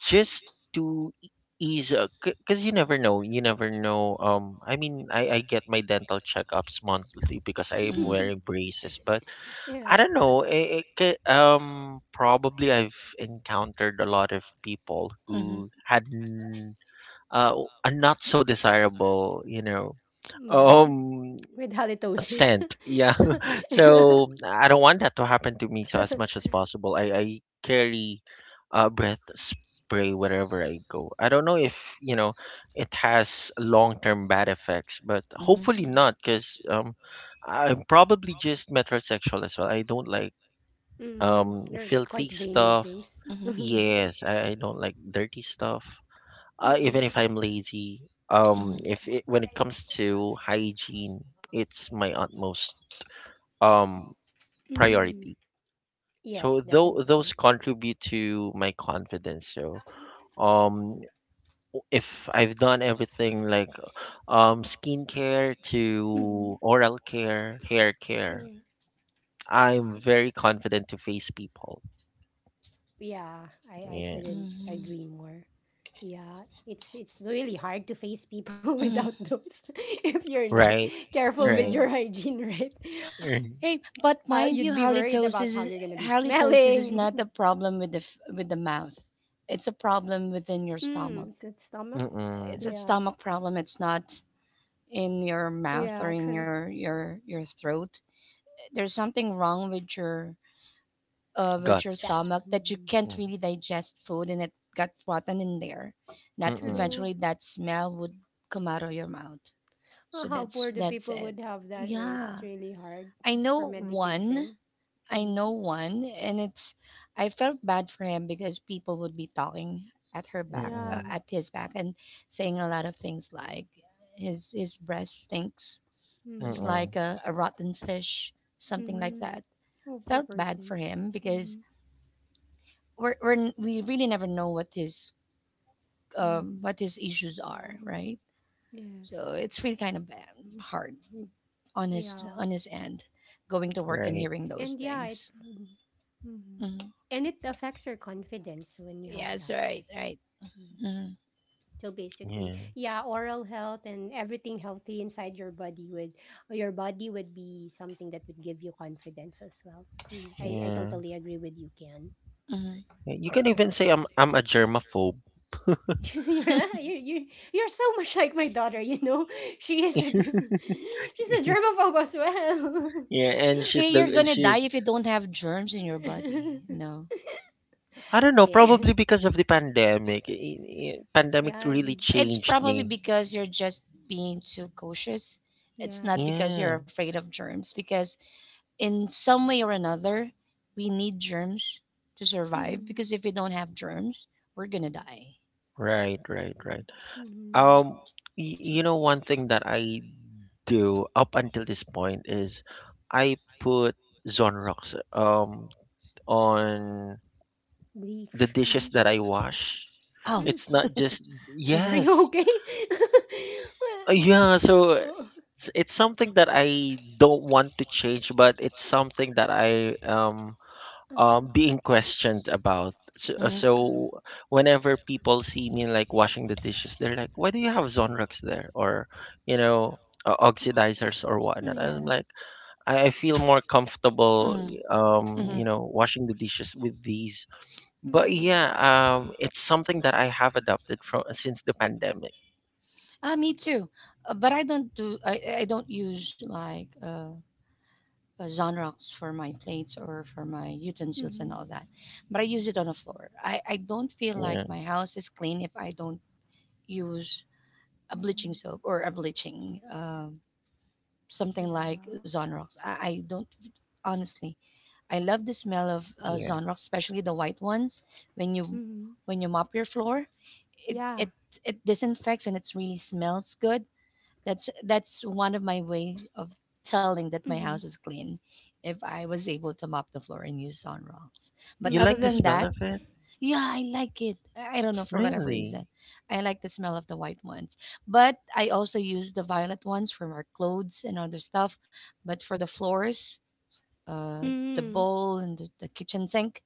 just to ease, because you never know, you never know. I mean, I get my dental checkups monthly because I am wearing braces, but
Yeah.
I don't know, probably I've encountered a lot of people
Mm-hmm. Mm-hmm. Mm-hmm.
who had uh, a not so desirable,
Yeah.
um
With halitosis.
consent. Yeah. So I don't want that to happen to me. So as much as possible, I carry, breath spray wherever I go. I don't know if you know it has long term bad effects, but hopefully
Mhm.
not, because I'm probably just metrosexual as well. I don't like
Mhm. You're
filthy
quite vain with
stuff.
things. Mhm.
Yes, I don't like dirty stuff. Even
Mhm.
if I'm lazy, if it, when it comes to hygiene, it's my utmost um
Mhm.
priority.
Yes,
So though,
definitely.
those contribute to my confidence. So um if I've done everything, like skincare
Mhm.
to oral care, hair care,
True.
I'm very confident to face people.
Yeah, I
Yeah.
couldn't agree more. Yeah, it's really hard to face people without
Mm-hmm.
those if you're not
Right.
careful with
Right.
Mm-hmm.
your hygiene, right?
Mm.
You'd
Hey,
be worried
but
about how
mind you,
you're gonna be
halitosis is
smelling.
halitosis is not a problem with the mouth. It's a problem within
Mm,
your
it's that
stomach.
stomach. Yeah,
It's
Mm-mm.
a stomach problem. It's not in your mouth
yeah,
or in
true.
your throat. There's something wrong with
Gut.
your
That
stomach, that you
mhm.
can't
Mm.
really digest food, and it got rotten in there. That
Mm-mm.
True.
eventually that smell would come out of your mouth.
Oh,
So
how
that's
poor the
that's
people
it.
would have that, right?
Yeah,
It's really hard
I
for
know one
medication.
I
Mm-hmm.
know one, and it's I felt bad for him because people would be talking at her back,
Yeah.
Mm-mm.
at his back, and saying a lot of things like his breath stinks. It's
Mm-hmm.
like
Mm-mm.
a rotten fish, something like
Mm-hmm.
that.
Oh, per
Felt bad for
person.
him because we really never know
Mm-hmm.
what his issues are, right?
Yes.
So it's really kind of bad, hard on his
Yeah.
on his end, going to work and
And
Right.
hearing
yeah, it.
those things.
Mm-hmm. And
Mhm.
it affects your confidence when you have that,
Yes, right, right.
right?
Mm-hmm.
So basically,
Yeah.
yeah, oral health and everything healthy inside your body would be something that would give you confidence as well. Mm, I
Yeah.
totally agree with you, Ken.
Mhm.
You can even say I'm a germaphobe.
You're, you're you're you're so much like my daughter, you know. She is a, she's a germaphobe as well.
Yeah, and she's
Hey, you're
the
gonna
she's
die if you don't have germs in your body.
I don't know,
Yeah,
probably because of the pandemic. Pandemic
yeah,
really
It's
changed
probably
me.
because you're just being too cautious. It's not
yeah.
because you're
Yeah,
afraid of germs, because in some way or another, we need germs to survive.
Mm-hmm.
Because if we don't have germs, we're gonna die.
right, right, right.
Mm-hmm.
Um, you know, one thing that I do up until this point is I put Zonrox on the
Bleach.
dishes
Mm-hmm.
that I wash.
Oh,
Mm-hmm.
It's not just,
Are
mm-hmm,
you
yes.
okay?
Yeah. So
Well, oh.
it's something that I don't want to change, but it's something that I
Uh-huh,
being questioned about. So,
mm-hmm,
uh-huh.
whenever people see me, like, washing the dishes, they're like, "Why do you have Zonrox there, or, you know, oxidizers or
Mm,
whatnot?" And I'm
yeah.
like, I feel more comfortable,
mm-hmm. Mm-hmm.
washing the dishes with these. But
Mhm.
yeah, it's something that I have adopted from since the pandemic.
Ah, me too. But I don't do. I don't use like genres for my plates or for my utensils and
Mhm.
all that. But I use it on the floor. I don't feel like
Yeah,
my house is clean if I don't use a bleaching
Mhm.
soap or a bleaching, something like
Yeah.
Zonrox. I don't, honestly, I love the smell of
yeah,
Zonrox, especially the white ones. When you
Mhm.
when you mop your floor, it,
Yeah.
it, it disinfects and it really smells good. That's one of my way of telling that my house
Mhm.
is clean if I was able to mop the floor and use on rocks. But
you
other
like the
than
Mm.
smell of
that,
it,
yeah, I like it. I don't know for whatever
really.
reason. I like the smell of the white ones. But I also use the violet ones for our clothes and other stuff. But for the floors, the
Mm.
bowl and the kitchen sink,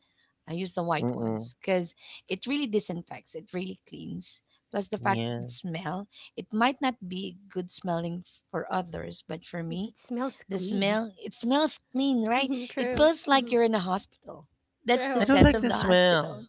I use the white
Mm-mm.
ones because it really disinfects, it really cleans. Plus, the fact that
Yeah,
the smell, it might not be good smelling for others, but for
You
me,
could smells
the
clean.
smell, it smells clean, right? It
True.
feels like
Mhm.
you're in a hospital. That's the
I don't
True.
scent
like
of
the
the hospital.
smell.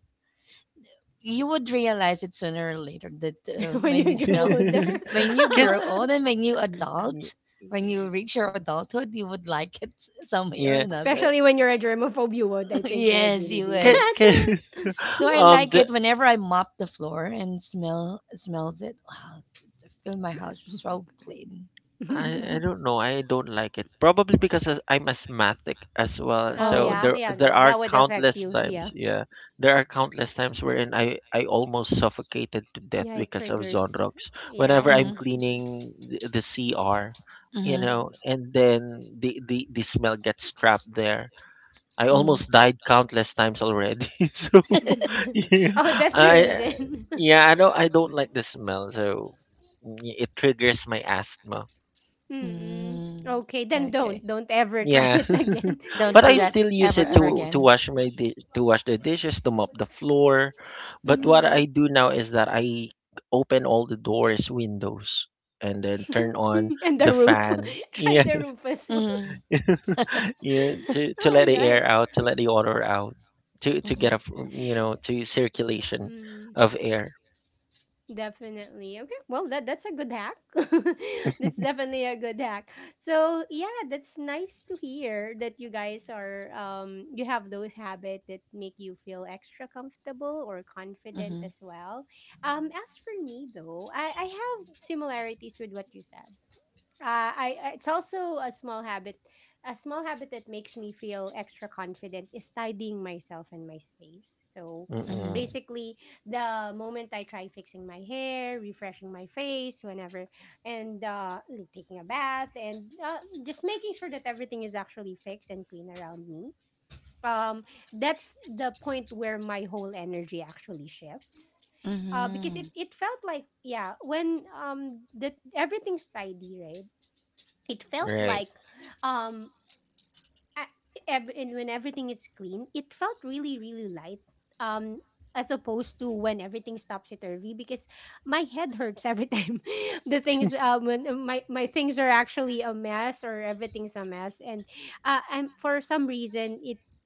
You would realize it sooner or later that
When
when you
you grow
smell,
older.
Because
when you grow old and when you
Y-
adult, when you
y-
reach your adulthood, you would like it some way or
yeah.
another.
Especially when you're a germaphobe, you would. I think you would
Yes, you
really do
Can,
would.
can,
that.
So I like
the
it whenever I mop the floor and smells it. Wow, I feel my house is so clean.
I don't know. I don't like it. Probably because, I'm asthmatic as well.
Oh
So
Oh.
yeah,
there
yeah.
there are
That would affect
countless
you. Yeah.
times, yeah. There are countless times wherein I almost suffocated to death
Yeah, it
because of
triggers.
Zonrox.
Yeah,
Whenever I'm
Mm-hmm.
cleaning the CR,
Mm-hmm.
you're.
and then the smell gets trapped there. I
Mm-hmm.
almost died countless times already. So. Yeah,
Oh, that's the
I
reason.
yeah, I don't like the smell, so it triggers my asthma.
Mm-mm.
Mm,
Okay, then
okay.
don't ever try
Yeah,
it again.
Don't
but
do
I
that
still use
ever,
it
ever
to to
again.
wash my di- to wash the dishes, to mop the floor. But what I do
Mm.
now is that I open all the doors, windows, and then turn on
And the
the
roof.
fan.
Try
Yeah,
the roof as well.
Mm-hmm.
yeah, to to let the
Okay.
air out, to let the odor out, to
Mm-hmm.
get a f- you know to circulation of
Mm.
air.
Definitely. Okay. Well, that's a good hack. That's definitely a good hack. So yeah, that's nice to hear that you guys are you have those habits that make you feel extra comfortable or
Mm-hmm.
confident as well. As for me though, I have similarities with what you said. It's also a small habit. A small habit that makes me feel extra confident is tidying myself and my space. So
Mm-hmm.
Mm-mm,
basically, the moment I try fixing my hair, refreshing my face whenever, and like taking a bath, and just making sure that everything is actually fixed and clean around me, um, that's the point where my whole energy actually shifts
Mm-hmm.
because it felt like, yeah, when the everything's tidy, right, it felt
right.
like um and when everything is clean, it felt really really light, um, as opposed to when everything stops at turvy, because my head hurts every time the things when my things are actually a mess or everything's a mess, and for some reason it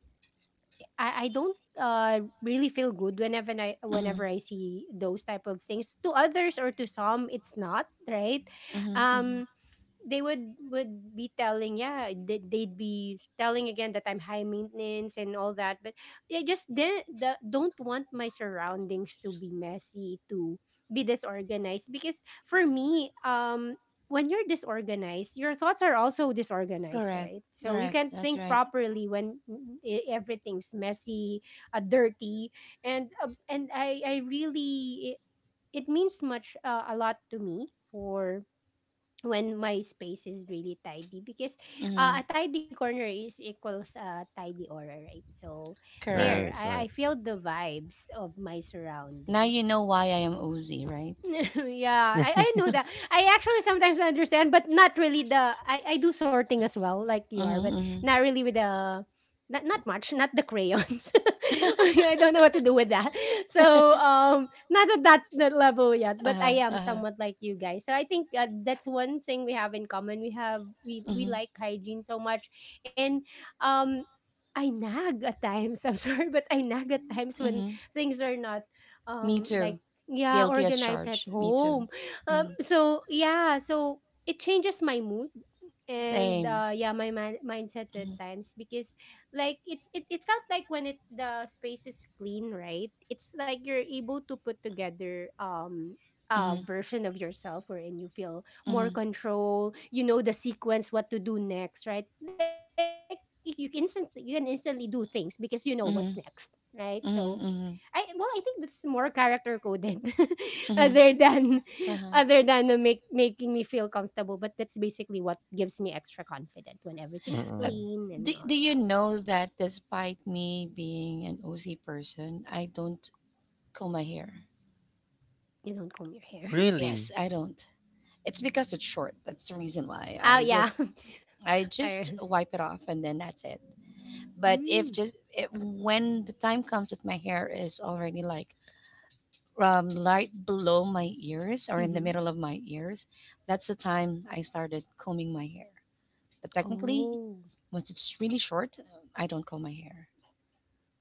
I don't really feel good
Mm-hmm.
whenever I see those type of things. To others or to some, it's not right.
Mm-hmm. Mm-hmm.
Um, they would be telling, yeah, they'd be telling again that I'm high maintenance and all that. But I just didn't, don't want my surroundings to be messy, to be disorganized, because for me, um, when you're disorganized, your thoughts are also disorganized,
Correct.
right? So you
Correct.
can't
That's
think
right.
properly when everything's messy, dirty, and I really it means much a lot to me for when my space is really tidy, because
Mm-hmm.
a tidy corner is equals a tidy aura, right? So there
Right,
Correct.
right.
I feel the vibes of my
Now
surroundings.
you know why I am Uzi, right?
Yeah, I know that. I actually sometimes understand, but not really the I do sorting as well, like you are, but
Mm-hmm. Mm-hmm.
not really with the not much, not the crayons. I don't know what to do with that. So not at that level yet, but I
Uh-huh.
am
Uh-huh.
somewhat like you guys. So I think that's one thing we have in common. We have we
Mm-hmm.
like hygiene so much. And um I nag at times. I'm sorry, but I nag at times when
Hmm.
things are not
Me too.
like, yeah,
Guilty as
organized at
charged. Me too.
home.
Hmm.
So yeah, so it changes my mood and
Same.
yeah my mindset
Mm-hmm.
at times, because like it felt like when it the space is clean, right, it's like you're able to put together a
Mm-hmm.
version of yourself wherein you feel more
Mm-hmm.
control. You know the sequence, what to do next, right? Like you can instantly do things because you know what's next, right?
Mm-hmm.
So I well,
Mm-hmm.
I think that's more character coded, other
Mm-hmm.
than other
Mm-hmm. Uh-huh.
than the make making me feel comfortable. But that's basically what gives me extra confident when everything's
Uh,
Mm-mm.
clean
do,
and all
do you
that.
know that despite me being an OC person, I don't comb my hair?
You don't comb your hair.
Really?
Yes, I don't. It's because it's short. That's the reason why.
Oh
I
yeah.
just I just
I,
wipe it off and then that's it. But if
mm,
just if, when the time comes that my hair is already like light below my ears or in the
mm-hmm.
middle of my ears, that's the time I started combing my hair. But technically,
Oh
once it's really short, I don't comb my hair.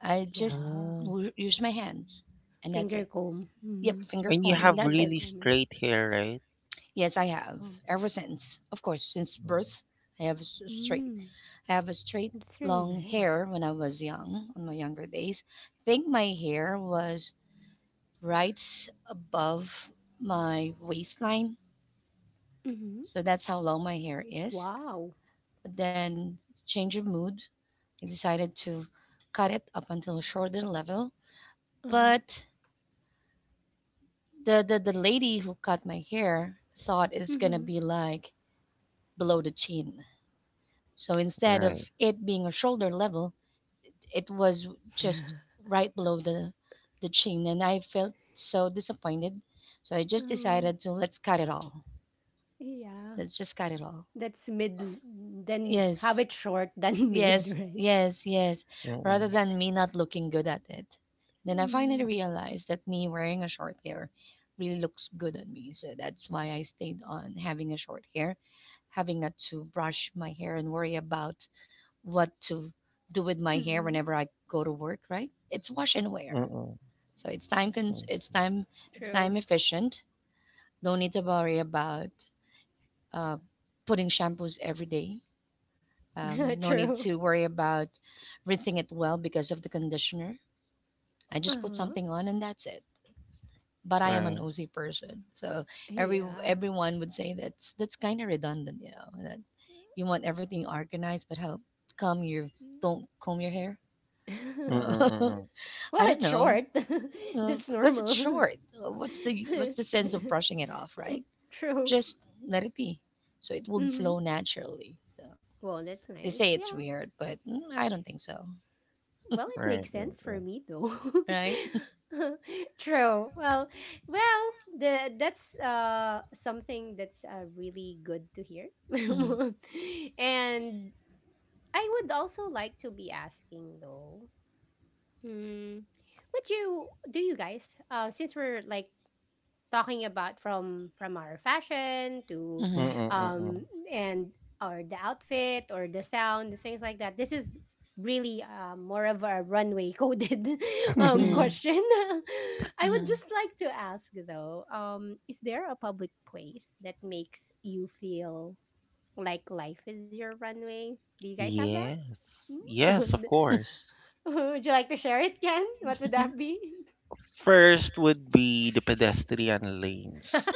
I just
yeah.
Mm.
use my hands, and that's it.
Finger comb.
Yep,
Mm-hmm.
finger
And you
comb,
You
and
have
do
that's it.
really
finger combing.
straight hair, right?
Yes, I have.
Yeah.
Ever since, of course, since
Mm.
birth, I have s- straight,
Mm,
I have a
that's
straight
really nice.
long hair when I was young, on my younger days. I think my hair was right above my waistline,
Mm-hmm.
so that's how long my hair is.
Wow.
But then, change of mood, I decided to cut it up until shoulder level.
Uh huh.
But the lady who cut my hair thought it's gonna
Mm-hmm.
be like below the chin. So instead of
Right.
it being a shoulder level, it was just right below the chin, and I felt so disappointed. So I just
Uh,
decided to, let's cut it all.
yeah.
Let's just cut it all.
That's mid, then have
Yes.
it short than mid,
Yes,
right?
yes, yes. Rather
Mm-mm.
than me not looking good at it. Then I finally
Mm.
realized that me wearing a short hair really looks good on me. So that's why I stayed on having a short hair, having not to brush my hair and worry about what to
Mm-mm.
do with my hair whenever I go to work, right? It's wash and wear.
Mm-mm.
So it's time cons-
Mm.
True.
it's time efficient. Don't need to worry about uh, putting shampoos every day, no
True.
need to worry about rinsing it well because of the conditioner. I just put
Uh-huh.
something on and that's it. But I am an
Right.
OC person, so
Yeah.
everyone would say that's kind of redundant. That you want everything organized, but how come you
Mm.
don't comb your hair? So
Mm-mm. Mm-mm.
Well,
I don't
it's
know,
short. That's
because it's
normal.
short. What's the sense of brushing it off, right?
True.
Just let it be, so it will flow
Hmm.
naturally. So
Well, that's
they
nice.
say it's
Yeah.
weird, but I don't think so.
Well, it
Right,
makes
right,
sense
right.
for me though.
Right?
True. Well, well, the that's something that's really good to hear.
Mhm.
And I would also like to be asking though. Hmm. would you Do you guys since we're like talking about from our fashion to
Mhm.
um
Mm-mm.
and or the outfit or the sound things like that, this is really more of a runway coded
Mm-mm.
Mhm.
question.
Mhm.
I would
Mhm.
just like to ask though, um, is there a public place that makes you feel like life is your runway? Do you guys have that?
Yes. Yes,
Hmm?
of course.
Would you like to share it, Ken? What would that be?
First would be the pedestrian lanes.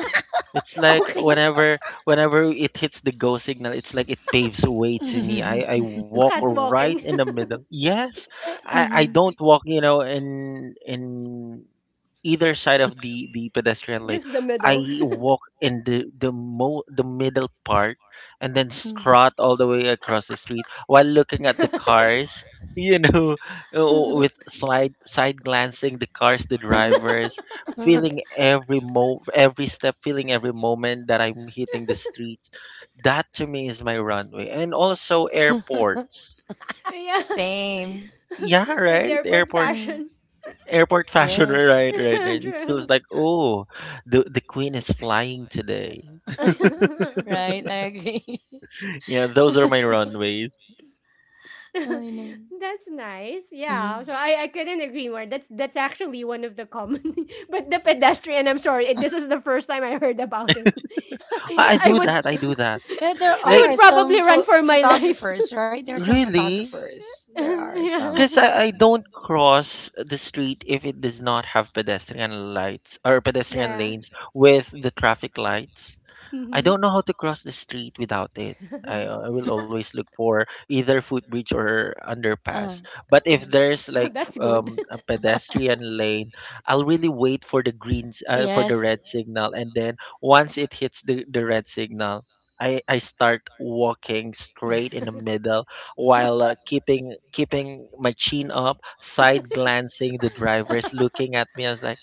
It's like,
Okay.
whenever it hits the go signal, it's like it paves a way to me.
Mm.
I
To
walk
cat
right
walking.
in the middle. Yes. I
Mhm.
don't walk, in either side of the pedestrian lane.
Just the
I
middle.
walk in the middle part and then strut all the way across the street while looking at the cars, you know,
Uh-huh.
with slide side glancing the cars, the drivers, feeling every step, feeling every moment that I'm hitting the streets. That to me is my runway. And also airport.
Yeah.
Same.
Yeah,
With
right?
their port
Airport,
Mm.
fashion.
airport fashion, right,
Yes.
right, right. It
True.
feels like, oh, the queen is flying today.
That's
Right, I agree.
Yeah, those are my runways.
I know.
nice.
Hmm.
Yeah. So I couldn't agree more. That's actually one of the common. But the pedestrian, I'm sorry, eh, this is the first time I heard about it.
I
I
do
would
that, I do that.
Yeah, there
I
Like,
are
would
some
probably run
pho-
for my life.
photographers, right? There are some
really?
photographers. There are some.
Yeah.
Because I don't cross the street if it does not have pedestrian lights or pedestrian
Yeah.
lanes with the traffic lights. I
Hmm.
don't know how to cross the street without it. I will always look for either footbridge or
Uh,
underpass. But
uh,
if
Well,
there's
that's
like,
good.
a pedestrian lane, I'll really wait for the greens, for the
yes,
red signal, and then once it hits the red signal, I start walking straight in the middle while, keeping my chin up, side glancing the drivers, looking at me. I was like,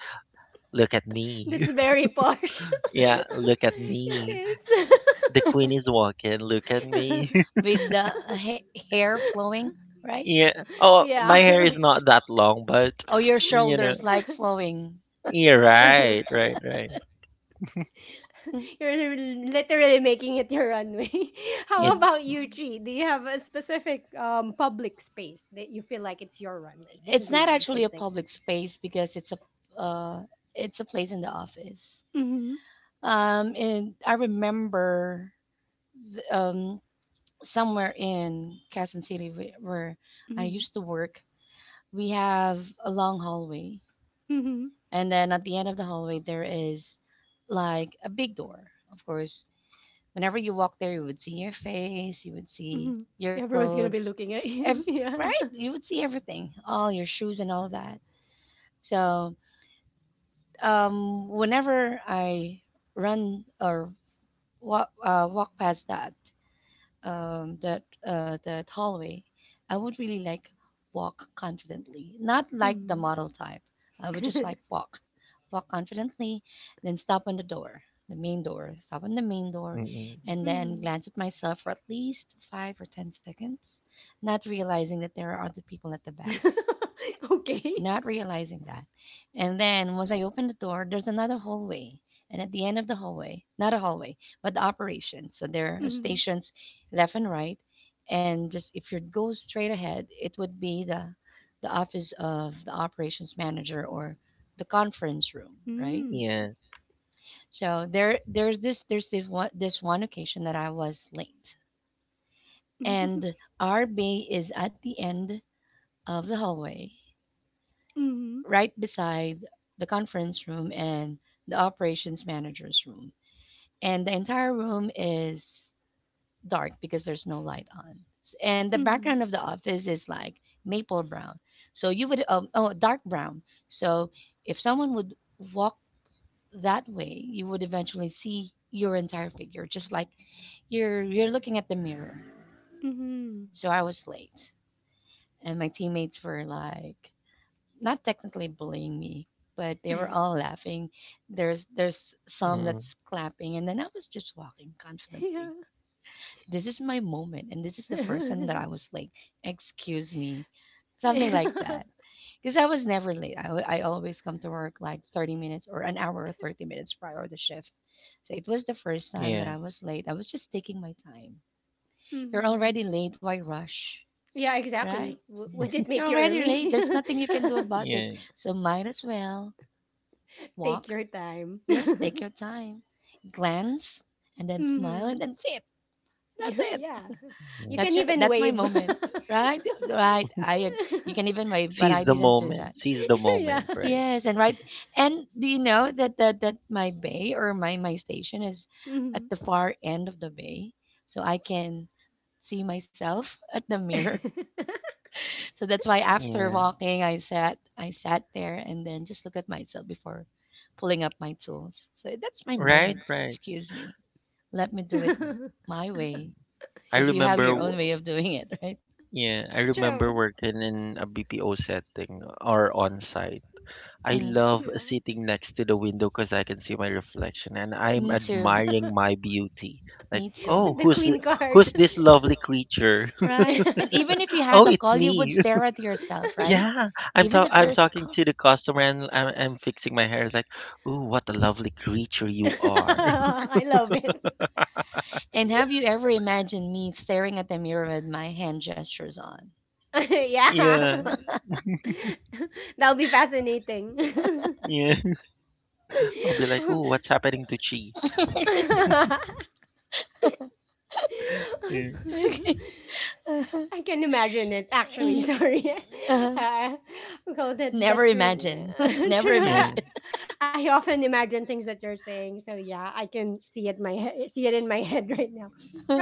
"Look at me!
That's very posh.
Yeah, look at
It
me!"
is.
The queen is walking. Look at me.
with the hair flowing, right?
Yeah. Oh,
Yeah.
my hair is not that long, but
Oh, your
you know.
shoulders like flowing.
Yeah. Right. Right. Right.
You're literally making it your runway.
It.
How
Mm-hmm.
about you, Chi? Do you have a specific public space that you feel like it's your runway? This
It's
is
not
mine.
actually
Things
a
like that.
public space because it's uh, a place in the office.
Mm-hmm.
And I remember um, somewhere in Quezon City where I
Mm-hmm.
used to work, we have a long hallway,
Mm-hmm.
and then at the end of the hallway there is like a big door. Of course, whenever you walk there, you would see your face, you would see
Hmm.
your
Everyone's gonna be
clothes,
looking at
ev-
you. Yeah.
right? You would see everything, all your shoes and all that. So whenever I run or walk past that hallway, I would really like walk confidently, not like the
Mm-hmm.
model type. I would just like walk confidently, then stop on the door the main door stop on the main door
Mm-mm.
and then
Mm-hmm.
glance at myself for at least 5 or 10 seconds, not realizing that there are other people at the back,
Okay.
not realizing that. And then once I open the door, there's another hallway. And at the end of the hallway, not a hallway, but the operations. So there are
Mm-hmm.
stations left and right. And just if you go straight ahead, it would be the office of the operations manager or the conference room, right?
Yeah.
So there's this one occasion that I was late.
Mm-hmm.
And our bay is at the end of the hallway right beside the conference room and the operations manager's room. And the entire room is dark because there's no light on. And the background of
Mhm.
the office is like maple brown. So you would, oh, dark brown. So if someone would walk that way, you would eventually see your entire figure, just like you're looking at the mirror.
Mhm.
So I was late, and my teammates were like, not technically bullying me, but they were all laughing. There's
Mm-mm.
there's some that's clapping, and then I was just walking confidently.
Yeah.
This is my moment, and this is the first time that I was late. Excuse me,
Yeah.
something like that. Because I was never late. I always come to work like 30 minutes or an hour or 30 minutes prior to shift. So it was the
Yeah.
first time that I was late. I was just taking my time. You're already
Mhm.
late. Why rush?
Yeah,
Right?
exactly. W Would it
You're
make you
already late.
early?
There's nothing you can do
Yeah.
about it. So might as well
Take
walk.
your time.
Yes, take your time. Glance and then smile and
Mhm.
that's it. That's it.
Yeah.
Mm.
You
That's
can
your
even
that's my
wave.
moment. Right? Right. You can even wave, but
Seize
I
the
didn't do
moment.
that.
Seize the
Yeah.
moment. Right.
Yes, and right, and do you know that that my bay or my station is at the
Mhm.
far end of the bay. So I can see myself at the mirror. So that's why after
Yeah.
walking I sat there and then just look at myself before pulling up my tools. So that's my
Right.
moment.
Right.
Excuse me. Let me do it my way,
I
because you have
remember.
your own
True.
way of doing it. Right.
Yeah. I
True.
remember working in a BPO setting or on site. I
Hmm.
love
Yeah.
sitting next to the window because I can see my reflection and I'm
Me too.
admiring my beauty. Like,
Me
oh,
too.
The queen card.
who's this lovely creature?
Right. And even if you had
Oh,
a
it's
call, you would
me.
stare at yourself. Right?
Yeah,
Even if
I'm
there's a
talking
call.
to the customer and I'm fixing my hair. It's like, ooh, what a lovely creature you are.
I love it.
And have you ever imagined me staring at the mirror with my hand gestures on?
Yeah,
Yeah. That'll be fascinating.
yeah. I'll be like, ooh, what's happening to Chi? Yeah,
Okay.
I can imagine it actually.
Mhm.
Sorry,
Uh-huh.
uh, well, that
Never
that's really
imagine. Never
true.
yeah.
imagine.
I often imagine things that you're saying, so yeah, I can see it see it in my head right now.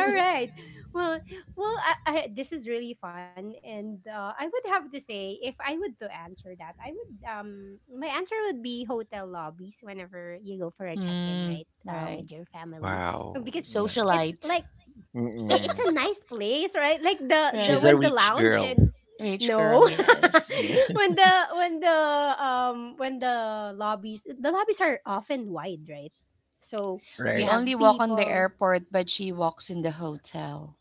All right, well, this is really fun, and I would have to say, if I would to answer that, I would my answer would be hotel lobbies whenever you go for a check in, right,
Right.
with your family,
Wow.
because
Nice.
it's
Socialite.
like yeah, it's
Mm-mm.
a nice place, right? Like the
She's
Right.
a
when the
rich
lounge
girl.
and
Rich girl,
no,
yes.
Yeah.
when the when the lobbies are often wide, right? So you
We
Right.
only
have
walk on the
people,
airport, but she walks in the hotel.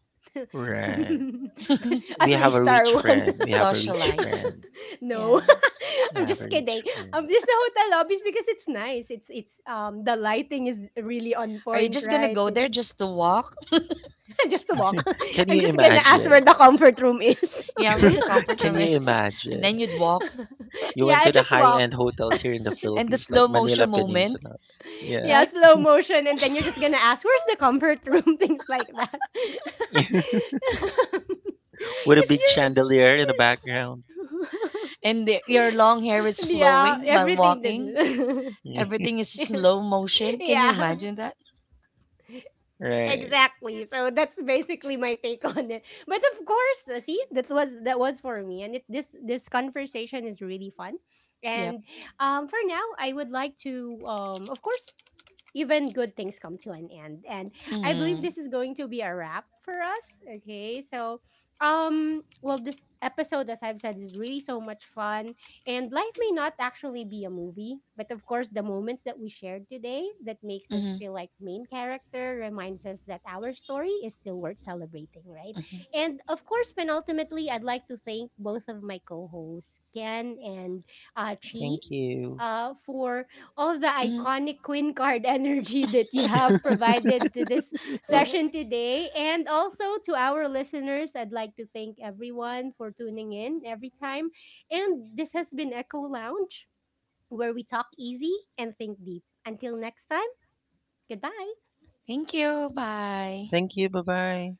Right.
a
We
three
have a rich
star one.
friend. We have a rich
Socialite.
friend.
No,
Yes.
We
I'm
have a
just
rich
kidding.
friend.
Just the hotel lobbies because it's nice. It's the lighting is really on
Are you
point,
just gonna
right?
go there just to walk?
Just to walk.
Can
I'm
you
just gonna ask where
imagine?
the comfort room is.
Yeah, where the comfort room
Can you
is. And then
imagine?
you'd walk.
You
Yeah,
went
I
to the
just walk.
high-end hotels here in the
And the
Philippines, like
slow motion
Manila
moment,
Peninsula. Yeah.
Yeah,
right?
slow motion, and then you're just gonna ask, "Where's the comfort room?" Things like that.
With a big
It's
chandelier in the
just,
background.
And your long
yeah,
hair is
everything to
flowing while
do.
walking. Everything is slow motion. Can
Yeah,
you imagine that?
Right.
exactly. So that's basically my take on it. But of course, see, that was for me, and this this conversation is really fun.
Yep.
And for now, I would like to, of course, even good things come to an end. And I
Hmm.
believe this is going to be a wrap for us. Okay. So, well, this episode, as I've said, is really so much fun. And life may not actually be a movie, but of course, the moments that we shared today that makes us
Hmm.
feel like main character reminds us that our story is still worth celebrating, right?
Hmm.
And of course, penultimately, I'd like to thank both of my co hosts, Ken and Chi,
Thank you.
for all the
Hmm.
iconic Queen Card energy that you have provided to this session today. And also to our listeners, I'd like to thank everyone for tuning in every time. And this has been Echo Lounge, where we talk easy and think deep. Until next time, goodbye.
Thank you. Bye.
Thank you. Bye-bye.